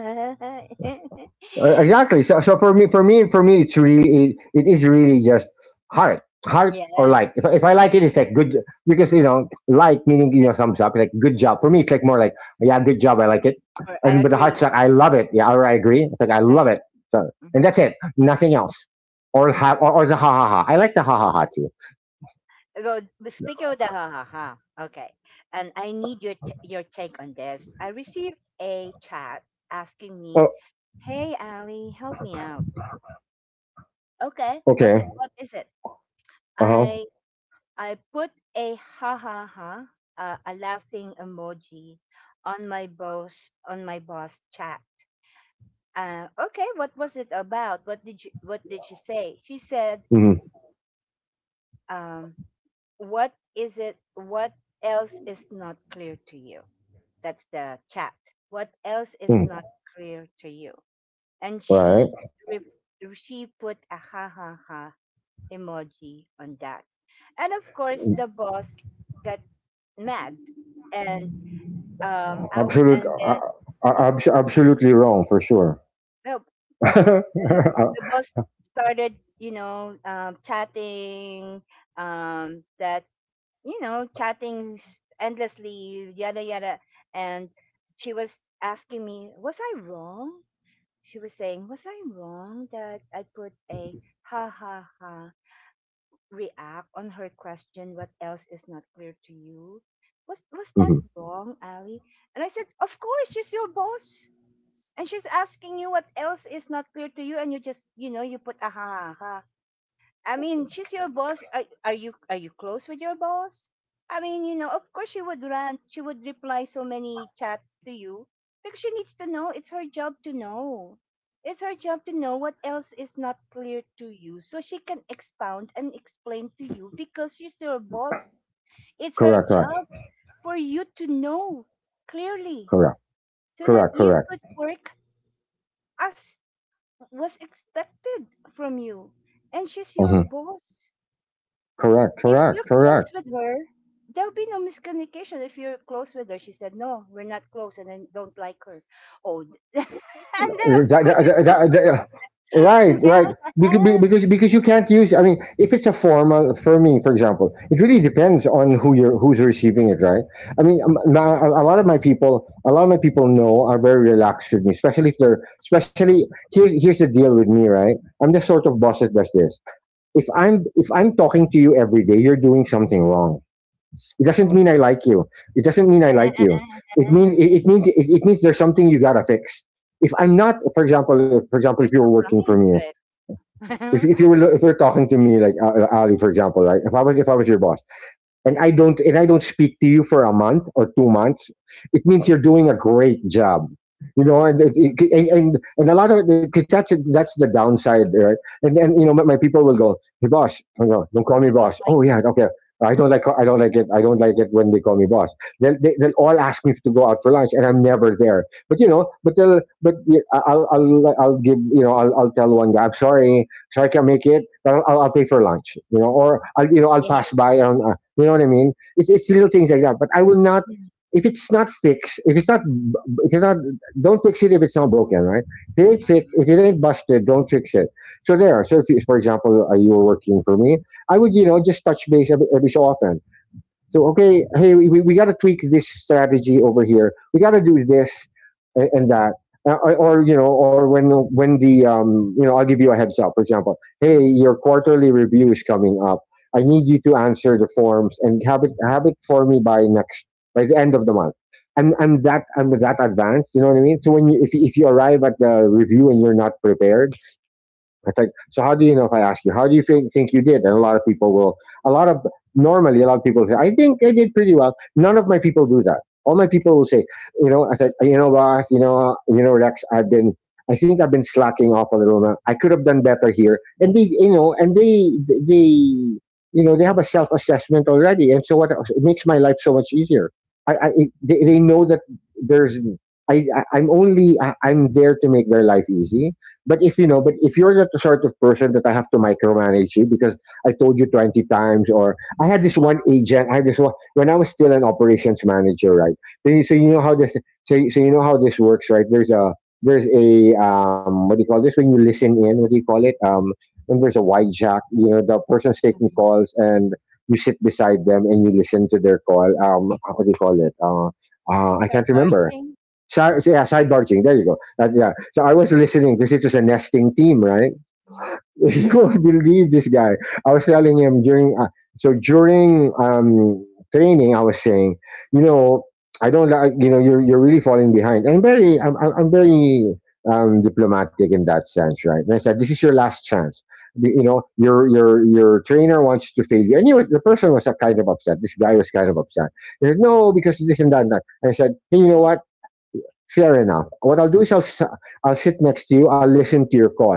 A: *laughs*
B: Exactly. So, for me, it's really, it is really just heart, or like.
A: Yes,
B: If, I-
A: it's
B: if I like
A: hard.
B: it, it's like good because like, meaning, thumbs up, like good job. For me, it's like more like, yeah, good job, I like it.
A: Or I
B: And but the heart's
A: agree.
B: like, I love it. Yeah, or I agree. It's like I love
A: Like,
B: it. So, and that's
A: mhm,
B: it. Nothing else. Or
A: yeah.
B: ha or, or the ha ha ha. I like the ha ha ha too.
A: Well, but speaking of the ha ha ha, okay. And I need your take on this. I received a chat asking me,
B: Oh,
A: "Hey, Ali, help me out." Okay, what's it?
B: okay.
A: What is it?
B: Uh huh.
A: I I put a ha ha ha, a laughing emoji, on my boss, on my boss chat. Okay, what was it about? What did she say? She said,
B: Hmm.
A: um, "What is it? What else is not clear to you?" That's the chat. What else is
B: Mm,
A: not clear to you? And
B: right.
A: ref- she put a ha ha ha emoji on that, and of course the boss got mad and out
B: Absolute.
A: and
B: Uh,
A: then
B: uh,
A: yeah,
B: abs- absolutely wrong for sure. *laughs*
A: well,
B: Uh,
A: the boss started, you know, chatting, that you know, endlessly, yada yada, and she was asking me, was I wrong? She was saying, was I wrong that I put a ha ha ha react on her question, what else is not clear to you? Was that
B: Mhm.
A: wrong, Ali? And I said, of course she's your boss. And she's asking you what else is not clear to you, and you just, you know, you put aha, aha. I mean, she's your boss. Are you close with your boss? I mean, you know, of course she would rant. She would reply so many chats to you because she needs to know. It's her job to know. It's her job to know what else is not clear to you, so she can expound and explain to you because she's your boss. It's her
B: Correct.
A: job
B: Correct.
A: for you to know clearly
B: Correct.
A: so that
B: Correct.
A: you
B: Correct.
A: could work as was expected from you. And she's your
B: Hmm.
A: boss.
B: Correct.
A: If
B: Correct.
A: you're close
B: Correct.
A: with her, there'll be no miscommunication if you're close with her. She said, no, we're not close and then don't like her. *laughs* And then of
B: That-
A: course
B: that-
A: it
B: that-
A: will.
B: that- that- right. Right. Because, because
A: *laughs*
B: because you can't use. I mean, if it's a formal, for me, for example, it really depends on who's receiving it, right? I mean, now, a lot of my people, a lot of my people know are very relaxed with me, especially if they're especially here's, the deal with me, right? I'm the sort of boss that does this. If I'm talking to you every day, you're doing something wrong. It doesn't
A: Ouch.
B: mean I like you. It doesn't mean I like you. It
A: *laughs*
B: mean
A: You're
B: it, it means there's something you gotta fix. If I'm not, for example, if you were
A: so
B: working for
A: kind,
B: me,
A: Rex. *laughs*
B: if you're talking to me, like, Ali, for example, right? If I was your boss, and I don't speak to you for a month or 2 months, it means you're doing a great job. You know, and it- it- and a lot of it, because that's the downside, right? And my people will go, "Hey, boss," I go, "Don't call me
A: You don't
B: boss."
A: like,
B: Oh yeah, okay. I don't like it. I don't like it when they call me boss. They'll all ask me to go out for lunch, and I'm never there. But but they'll, but yeah, I'll give, I'll tell one guy, "I'm sorry, sorry I can't make it, but I'll pay for lunch," or I'll, I'll
A: yeah.
B: pass by on, you know what I mean? It's little things like that. But I will not,
A: Mm.
B: if it's not fixed, if it's not, don't fix it if it's not broken, right? If it ain't fixed, if
A: Ah.
B: it ain't busted, don't fix it. So there. So if, for example, you were working for me, I would, you know, just touch base every so often. So okay, hey, we got to tweak this strategy over here. We got to do this and that, or, or when, the, you know, I'll give you a heads up. For example, hey,
A: Mm,
B: your quarterly review is coming up. I need you to answer the forms and have it for me by next by the end of the month. I'm that advanced. You know what I mean? So when you if you- if you arrive at the review and you're not prepared, I think. So how do you know, if I ask you, how do you think you did? And a lot of people will, a lot of, normally a lot of people say, I think I did pretty well. None of my people do that. All my people will say, you know, I said, you know, boss, Rex, I think I've been slacking off a little now. I could have done better here. And they, you know, and they, You know, they have a self-assessment already. And so what, it makes my life so much easier. They know that there's, I, I'm only, I, I'm there to make their life easy, but if you're not the sort of person that I have to micromanage you because I told you 20 times. Or I had this one agent, I had this one when I was still an operations manager, right? You
A: mm,
B: know how this, you know how this works, right? There's a what do you call this when you listen in? What do you call it? When there's a wide jack, you know, the person's taking
A: mm.
B: calls and you sit beside them and you listen to their call. What do you call it? I can't
A: Sidebar,
B: remember.
A: Jane?
B: Yeah, sidebar ching. There you go. Yeah. So I was listening because it was a nesting team, right? *laughs* You won't believe this guy. I was telling him during so during um, training, I was saying, you know, I don't like, you know, you're really falling behind. And I'm very diplomatic in that sense, right? And I said, this is your last chance. You know, your trainer wants to fail you. And you, the person was kind of upset. This guy was kind of upset. He said, no, because this and that and that. And I said, hey, you know what? Fair enough. What I'll do is I'll sit next to you. I'll listen to your call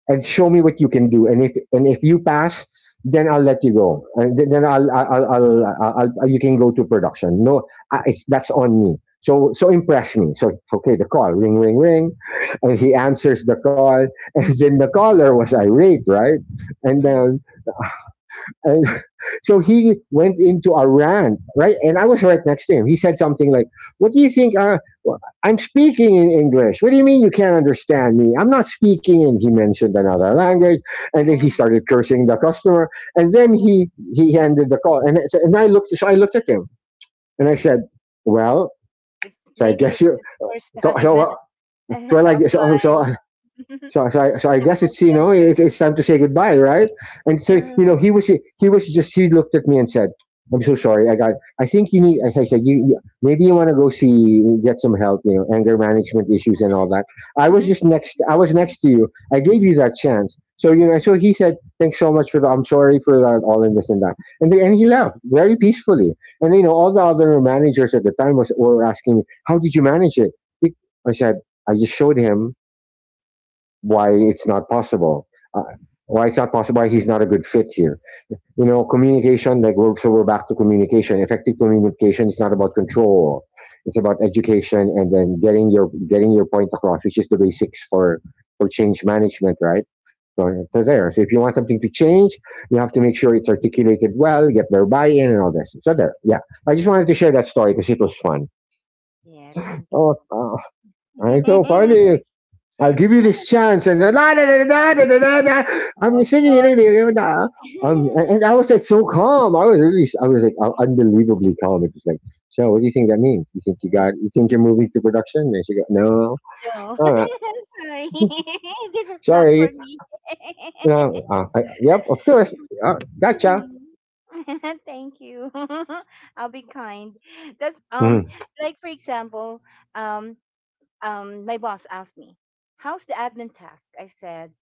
B: and show me what you can do. And if you pass, then I'll let you go. And th- then I'll, you can go to production. No, that's on me. So impress me. So okay, the call, ring ring ring, and he answers the call, *laughs* and then the caller was irate, right? And
A: Mm.
B: then and *laughs* so he went into a rant, right? And I was right next to him. He said something like, what do you think? Wh- I'm speaking in English. What do you mean you can't understand me? I'm not speaking in. He mentioned another language. And then he
A: Oh,
B: started cursing the customer. And then
A: oh,
B: he ended the call. And, so- and I looked, so I looked at him and I said, well,
A: it's
B: so I
A: maybe
B: guess
A: it's
B: you,
A: his first
B: so, so,
A: time. *laughs* *laughs* I
B: so, I,
A: had
B: like
A: to
B: so, so so,
A: apply *laughs* in
B: so I
A: a
B: guess
A: call
B: it's, you know,
A: center.
B: it's time to say goodbye, right? And so you know,
A: Mm.
B: he was just he looked at me and said, "I'm so sorry. I got. I think you need." As I said, you maybe you want to go see, get some help. You know, anger management issues and all that. I was just
A: *laughs*
B: next. I was next to you. I gave you that chance. So you know. So he said, "Thanks so much for the. I'm sorry for that. All and this and that." And he left very peacefully. And you know, all the other managers at the time was were asking me, "How did you manage it?" I said, "I just showed him why it's not possible. Uh, Why he's not a good fit here? You know, communication. We're back to communication. Effective communication is not about control. It's about education and then getting your point across, which is the basics for change management, right? So, so there. So if you want something to change, you have to make sure it's articulated well, get their buy-in, and all this. So there. Yeah, I just wanted to share that story because it was fun.
A: Yeah, thank
B: Oh, uh, it's so
A: you. *laughs*
B: funny. I'll give you this chance. And I'm
A: Oh,
B: singing.
A: sorry. *laughs*
B: I was like so calm. I was like unbelievably calm. It was like, so what do you think that means? You think you're moving to production? And she goes, no,
A: No,
B: all right,
A: *laughs* sorry. *laughs* This is not for
B: sorry.
A: me. *laughs*
B: No, I, yep, of course. Uh, gotcha.
A: Hmm. *laughs* Thank you. *laughs* I'll be kind. That's
B: Mm-hmm,
A: like for example, um my boss asked me, "How's the admin task?" I said,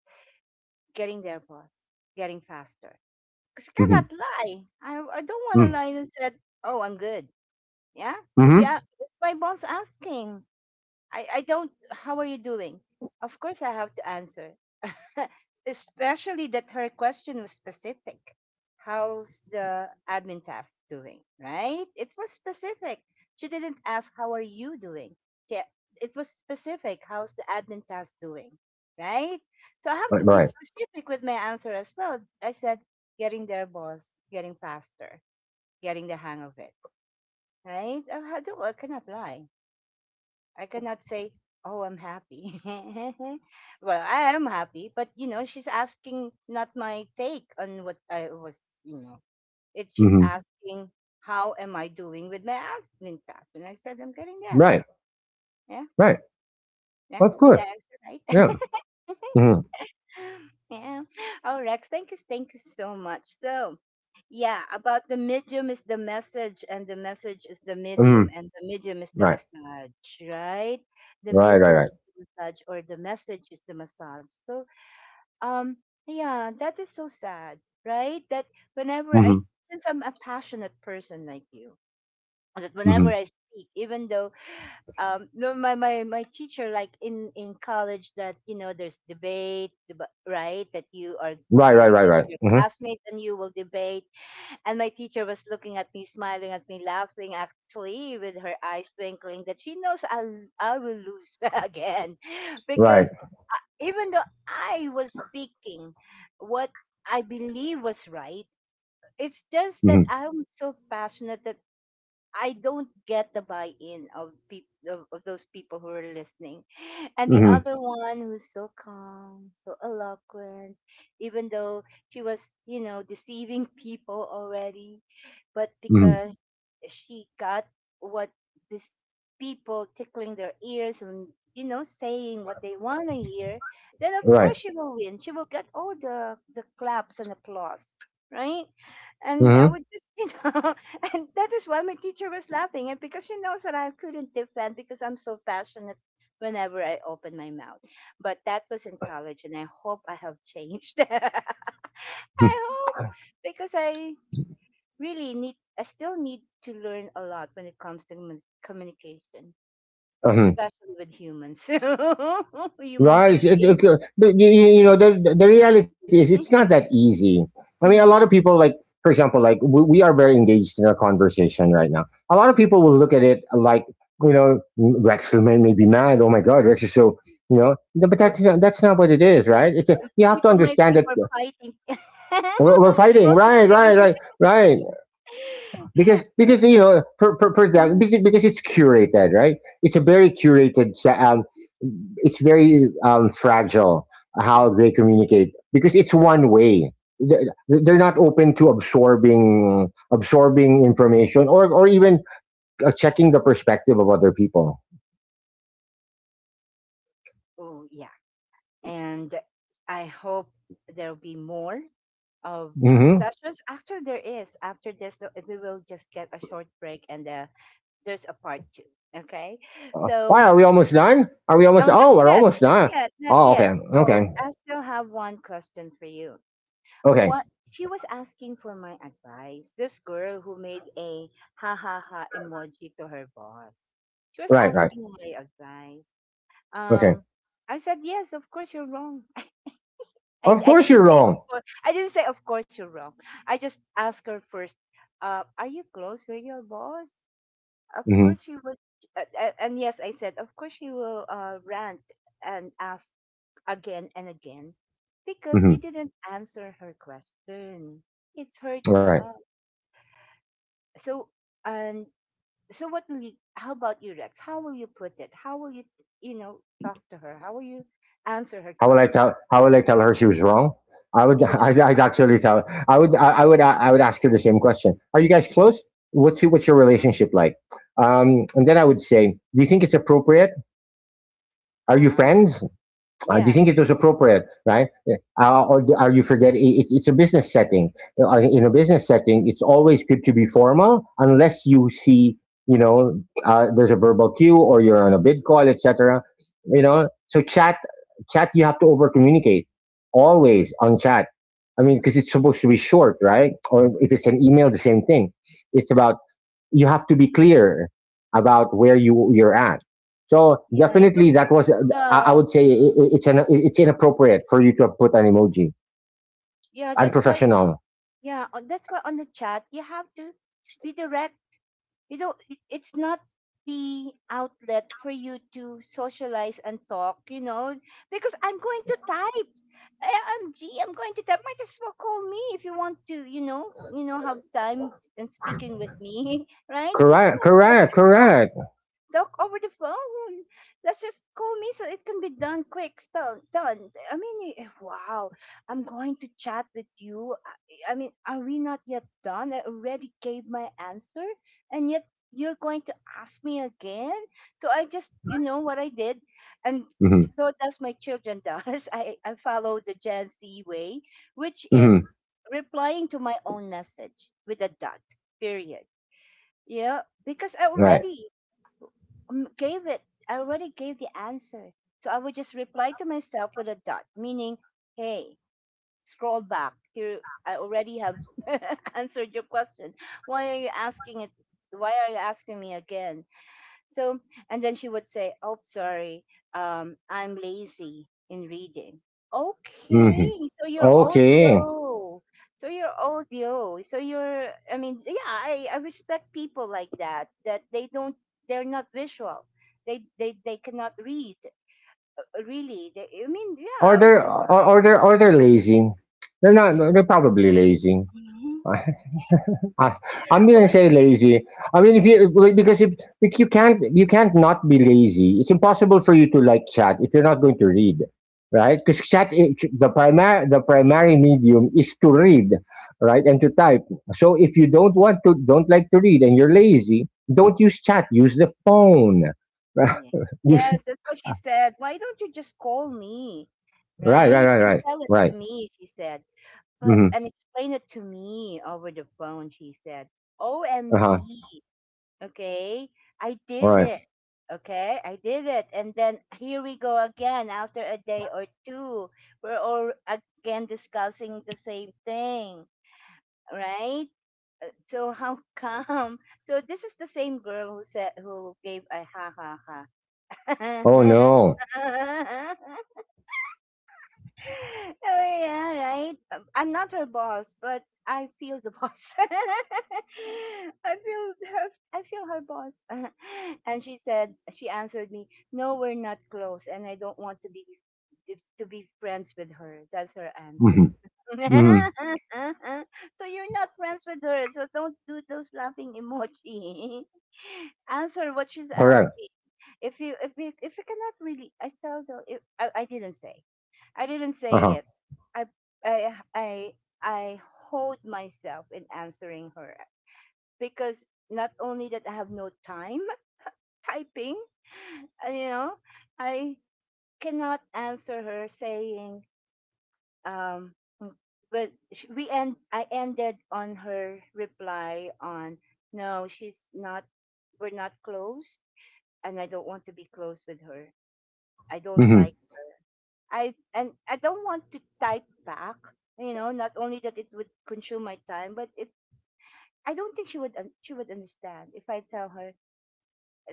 A: "Getting there, boss. Getting faster." 'Cause I
B: mm-hmm,
A: cannot lie. I I don't wanna
B: mm-hmm.
A: lie and said, "Oh, I'm good." Yeah? If you
B: Mm-hmm.
A: a it's my boss asking. I don't, "How are you doing?" Of course I have to answer. *laughs* Especially that her question was specific. How's the admin task doing? Right? It was specific. She didn't ask, how are you doing? She, it was specific. How's the admin task doing? Right? So I have to
B: Right,
A: be
B: right,
A: specific with my answer as well. I said, getting there, boss, getting faster, getting the hang of it. Right? I cannot lie. I cannot say, "Oh, I'm happy." *laughs* Well, I am happy, but you know, she's asking not my take on what I was, you know. It's just
B: mm-hmm,
A: asking, "How am I doing with my admin task?" And I said, "I'm getting there."
B: right,
A: Yeah,
B: right.
A: yeah.
B: Of
A: Did
B: course,
A: I answer right?
B: yeah.
A: *laughs*
B: Mm-hmm,
A: *laughs* Yeah. Oh, Rex, thank you so much. So, yeah, about the medium is the message, and the message is the medium,
B: mm-hmm,
A: and the medium is the
B: right,
A: massage, right? The
B: right, right,
A: medium
B: right.
A: is the massage, or the message is the massage. So, um, yeah, that is so sad, right? Whenever
B: Mm-hmm,
A: I, since I'm a passionate person like you, that whenever
B: mm-hmm.
A: I speak, even though no my teacher, like in college, that you know there's debate, right, that you are
B: Right, right, right,
A: that
B: right.
A: your
B: Mm-hmm,
A: classmates and you will debate, and my teacher was looking at me, smiling at me, laughing actually, with her eyes twinkling, that she knows I will lose *laughs* again
B: right.
A: because even though I was speaking what I believe was right, it's just that
B: Mm-hmm,
A: I'm so passionate, I don't get the buy-in of people, of those people who are listening. *laughs* And the
B: mm-hmm.
A: other one who's so calm, so eloquent, even though she was, you know, deceiving people already, but
B: Mhm.
A: because she got what these people, tickling their ears and you know saying what they want to hear, then of
B: Right.
A: course she will win. She will get all the claps and applause, right? And I
B: Mhm.
A: would just, *laughs* you know, and that is why my teacher was laughing. And because she knows that I couldn't defend because I'm so passionate whenever I open my mouth. But that was in college, and I hope I have changed. *laughs* I
B: Mm,
A: hope, because I really need, I still need to learn a lot when it comes to communication,
B: mhm.
A: especially with humans, *laughs* human
B: Right.
A: beings.
B: But you you know, the reality is, it's not that
A: *laughs*
B: easy. I mean, a lot
A: Mm,
B: of people,
A: mm,
B: for example, like we are very engaged in a conversation right now. A lot of people
A: mm.
B: will look at it like, you know, may be mad. Oh my God, Rex is so, you know. No, but
A: Or
B: that's not what it is, right? You have to
A: people might
B: understand
A: think
B: that
A: we're fighting. *laughs*
B: we're fighting, right,
A: Totally.
B: right, right, right. Because
A: *laughs*
B: because you know, for example,
A: Mm,
B: because it's curated, right? It's a
A: mm,
B: very curated se- it's very fragile
A: mm,
B: how they
A: mm.
B: communicate because it's one way. Th- They're not open to absorbing information or even checking the perspective of other people.
A: Oh, yeah. And I hope there'll be more of
B: Hmm.
A: sessions. Actually, there is. After this, we will just get a short break and there's a part two. Okay.
B: Why
A: So,
B: are we almost done? Are we almost?
A: oh, not
B: Oh, we're
A: yet.
B: almost
A: Not
B: done.
A: yet. Not
B: Oh,
A: yet.
B: okay,
A: Oh,
B: okay,
A: I still have one question for you.
B: okay.
A: What she was asking for my advice, this girl who made a ha ha ha emoji to her boss. She was
B: Right, right.
A: asking my advice.
B: Okay.
A: Um, I said, yes, of course you're wrong. *laughs* I,
B: Of
A: I
B: course
A: didn't
B: you're
A: say, of
B: wrong.
A: course, I didn't say, of course you're wrong. I just asked her first, are you close with your boss? Of
B: Hmm.
A: course you would. And yes, I said, of course you will rant and ask again and again because
B: Hmm.
A: you didn't answer her question. It's her
B: Right.
A: job. So, and so what will you, how about you, Rex? How will you put it? How will you, talk to her? How will you answer her
B: How will I
A: question?
B: tell? How will I tell her she was wrong? I would.
A: *laughs*
B: I'd actually tell. I would ask her the same question. Are you guys close? What's your
A: Um,
B: relationship like? And then I would say, do you think it's appropriate? Are you
A: ah,
B: friends? Do you
A: yeah.
B: think it was appropriate, right? Or are you forgetting? It's a business setting. In a
A: Mhm,
B: business setting, it's always good to be formal, unless you see, you know, there's a verbal cue or you're on a bid call, etc. You know, so chat, you have to over communicate always on chat. I mean,
A: mhm,
B: because it's supposed to be short, right? Or if
A: mhm,
B: it's an email, the same thing. It's about, you have to be clear
A: mhm.
B: about where you're at. So
A: Yeah, you
B: definitely
A: don't.
B: that was, I,
A: Yeah,
B: I would say it's it's inappropriate for you to have put an emoji.
A: yeah. That's why.
B: Unprofessional.
A: Yeah, that's why on the chat you have to be direct. You know, it's not the outlet for you to socialize and talk. You know, because I'm going to type. AMG, I'm G. I'm going to type. Might as well call me if you want to. You know, have time and speaking with me, *laughs* right? Just
B: Correct.
A: call me.
B: Correct. Correct.
A: Talk over the phone. Let's just call me so it can be done quick. Still done. I mean, eh, wow. I'm going to chat with you. I mean, are we not yet done? I already gave my answer, and yet you're going to ask me again. So I just, you know, what I did, and
B: Mm-hmm.
A: so does my children. Does *laughs* I? I follow the Gen Z way, which is
B: Mm-hmm.
A: replying to my own message with a dot. Period. Yeah, because I
B: Right.
A: already gave it. I already gave the answer. So I would just reply to myself with a dot, meaning, hey, scroll back. Here, I already have *laughs* answered your question. Why are you asking it? Why are you asking me again? So, and then she would say, "Oh, sorry, I'm lazy in reading."
B: Mm-hmm.
A: Okay, so you're
B: Okay.
A: audio, so you're audio, so you're. I mean, yeah, I respect people like that. That they don't, they're not visual. They cannot read really. They, I mean,
B: Or
A: yeah, okay.
B: they're lazy. They're not. They're probably lazy.
A: *laughs*
B: I, I'm gonna
A: Well,
B: say lazy. I mean, if you like, because if you can't you can't not be lazy. It's impossible for you to like chat if you're not going to read, right? Because the primary medium is to read, right, and to type. So if you don't want to, don't like to read, and you're lazy, don't use chat. Use the phone. *laughs*
A: yeah.
B: use,
A: Yes, that's what she said. Why don't you just call me,
B: right, right,
A: right?
B: right,
A: And
B: right,
A: tell it
B: right.
A: to me? She said. But
B: Mm-hmm.
A: and explain it to me over the phone, she said.
B: Uh huh.
A: OMG. Okay. I did
B: Right.
A: it. Okay. I did it. And then here we go again after a day or two. We're all again discussing the same thing. Right? So how *laughs* come? So this is the same girl who said who gave a ha ha
B: Oh
A: ha.
B: no.
A: *laughs* Oh yeah, right. I'm not her boss, but I feel the boss. *laughs* I feel her. I feel her boss. *laughs* And she said, she answered me, "No, we're not close, and I don't want to be friends with her." That's her
B: Mm-hmm.
A: answer.
B: Mm-hmm.
A: *laughs* So you're not friends with her, so don't do those laughing emoji. *laughs* Answer what she's
B: Correct.
A: asking. If you cannot really, I seldom. If, I didn't say. I didn't
B: Uh huh.
A: say it. I I I I hold myself in answering her because not only that I have no time *laughs* typing, you know, I cannot answer her saying um mm, but sh- we end I ended on her reply on no, she's not, we're not close and I don't want to be close with her. I don't
B: Mm-hmm.
A: like. I don't want to type back. You know, not only that it would consume my time, but it I don't think she would she would understand if I tell her.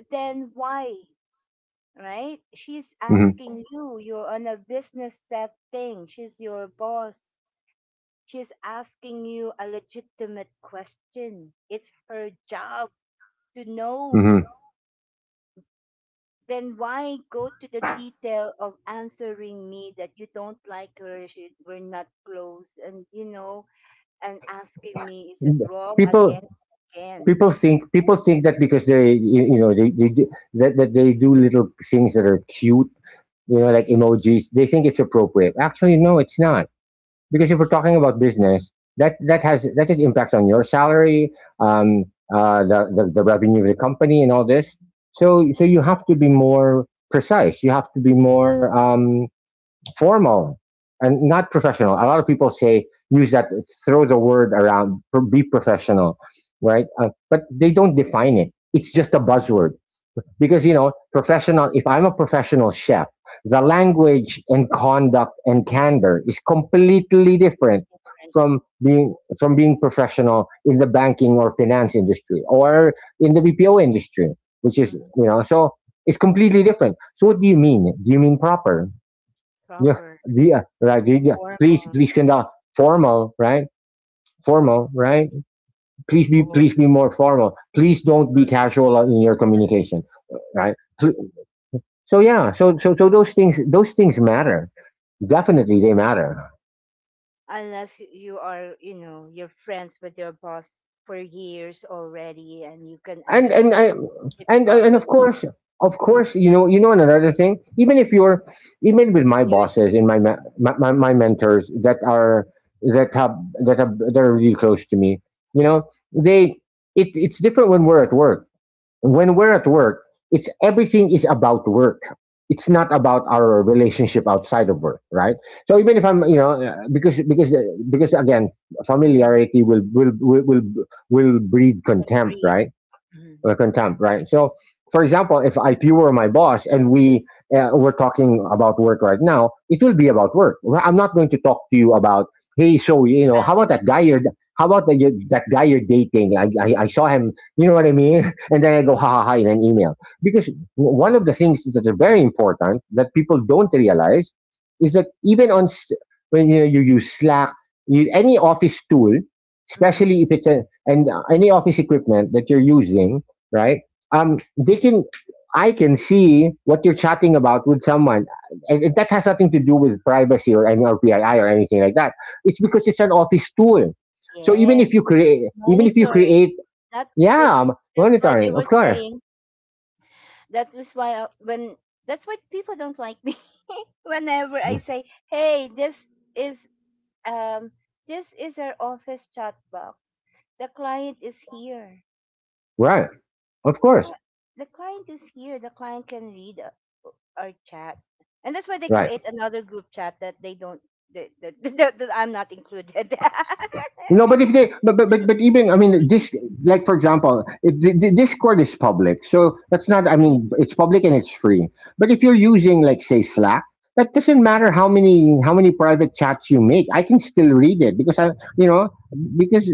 A: Then why, right? She's
B: Mm-hmm.
A: asking you. You're on a business setting. She's your boss. She's asking you a legitimate question. It's her job to know.
B: Mm-hmm.
A: Then why go to the detail of answering me that you don't like her, she, we're not close, and you know and asking me, is it wrong
B: people
A: again and again?
B: people think that because they you you know, they do, that they do little things that are cute, you know, like emojis, they think it's appropriate. Actually no, it's not, because if we're talking about business, that has impact on your salary, um the revenue of the company and all this. So you have to be more precise, you have to be more formal, and not professional. A lot of people say use that, throw the word around, be professional, right? But they don't define it. It's just a buzzword, because you know, professional. If I'm a professional chef, the language and conduct and candor is completely different
A: Right?
B: from being professional in the banking or finance industry or in the BPO industry, which is,
A: Mhm.
B: you know, so it's completely different. So what do you mean? Do you mean proper? Yeah,
A: Proper
B: yeah, right, yeah, yeah. Please,
A: formal
B: please conduct formal, right? Formal, right?
A: or,
B: Please be more formal. Please don't be
A: or
B: casual in your communication, right? So so yeah, so those things matter. Definitely, they matter.
A: unless you are, you know, you're friends with your boss for years already and you can
B: and and
A: understand
B: I
A: each
B: and and
A: other
B: of course, you know, and another thing, even if even with my
A: years.
B: bosses and my ma- my mentors that are that have that have, that are really close to me, you know, they, it it's different when we're at work. When we're at work, it's everything is about work. It's not about our relationship outside of work, right? So even if I'm, you know, because again,
A: Mhm.
B: familiarity will breed
A: Can
B: contempt,
A: breed.
B: right?
A: Mhm.
B: So, for example, if you were my boss and we talking about work right now, it will be about work. Well, I'm not going to talk to you about, hey, so you know,
A: Family.
B: how about that guy you're dating? I saw him, you know what I mean? *laughs* And then I go ha ha ha in an email, because one of the things that are very important that people don't realize is that when you know, you use Slack, you, any office tool,
A: Mhm.
B: especially if it's a, and any office equipment that you're using, right? They can, I can see what you're chatting about with someone, and that has nothing to do with privacy or any or PII or anything like that. It's because it's an office tool.
A: Yes,
B: Even if you
A: monitoring.
B: create,
A: That, that
B: yeah,
A: that's what they
B: monitoring, of
A: were
B: course,
A: saying. That was why I, when that's why people don't like me. *laughs* Whenever I say, "Hey, is um this is our office chat box. The client is here.
B: right, of
A: The
B: course,
A: cli- the client is here. The client can read our chat." And that's why they
B: right.
A: create another group chat that they don't *laughs* that I'm not included. *laughs*
B: No, but if they, but even I mean this, like for example, the Discord is public, so that's not. I mean,
A: Mhm,
B: it's public and it's free. But if you're using, like, say, Slack, that doesn't matter
A: mhm,
B: how many private chats you make. I can still read it because you know, because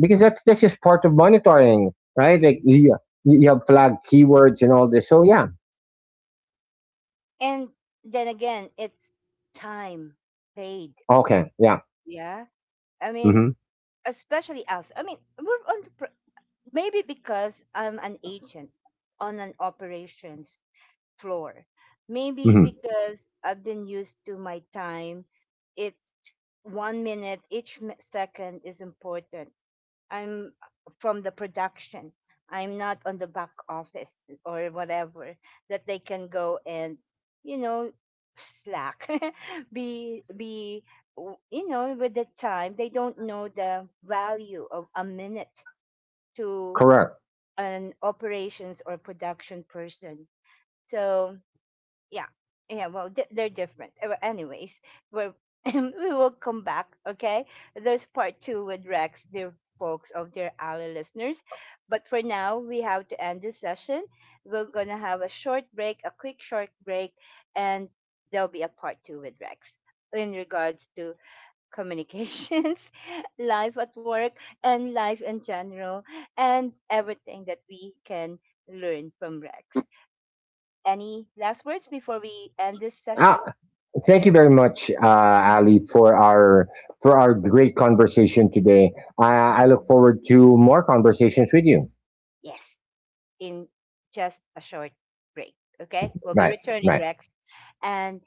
B: because that's just part of monitoring, right? Like
A: mhm.
B: you have flag keywords and all this. So yeah,
A: And then again, it's time paid.
B: okay, yeah,
A: Yeah. I mean,
B: mm-hmm,
A: especially us. I mean, we're on the, maybe because I'm an agent on an operations floor. Maybe
B: mm-hmm.
A: because I've been used to my time, it's one minute, each second is important. I'm from the production. I'm not on the back office or whatever that they can go and, you know, slack, *laughs* be, be, you know, with the time. They don't know the value of a minute to
B: Correct.
A: an operations or production person. So yeah. Yeah, well they're different. Well, anyways we're, *laughs* we will come back. Okay, there's part two with Rex, dear folks, of dear Ally listeners, but for now we have to end this session. We're gonna have a short break, a quick short break, and there'll be a part two with Rex in regards to communications *laughs* life at work and life in general and everything that we can learn from Rex. Any last words before we end this session?
B: Ah, thank you very much, Ali,
A: *laughs*
B: for our great conversation today. I look
A: Mhm.
B: forward to more conversations with you.
A: Yes, in just a short break. Okay, we'll be
B: Right,
A: returning,
B: right.
A: Rex. And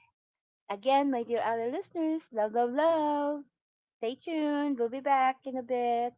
A: again, my dear other listeners, love, love, love. Stay tuned. We'll be back in a bit.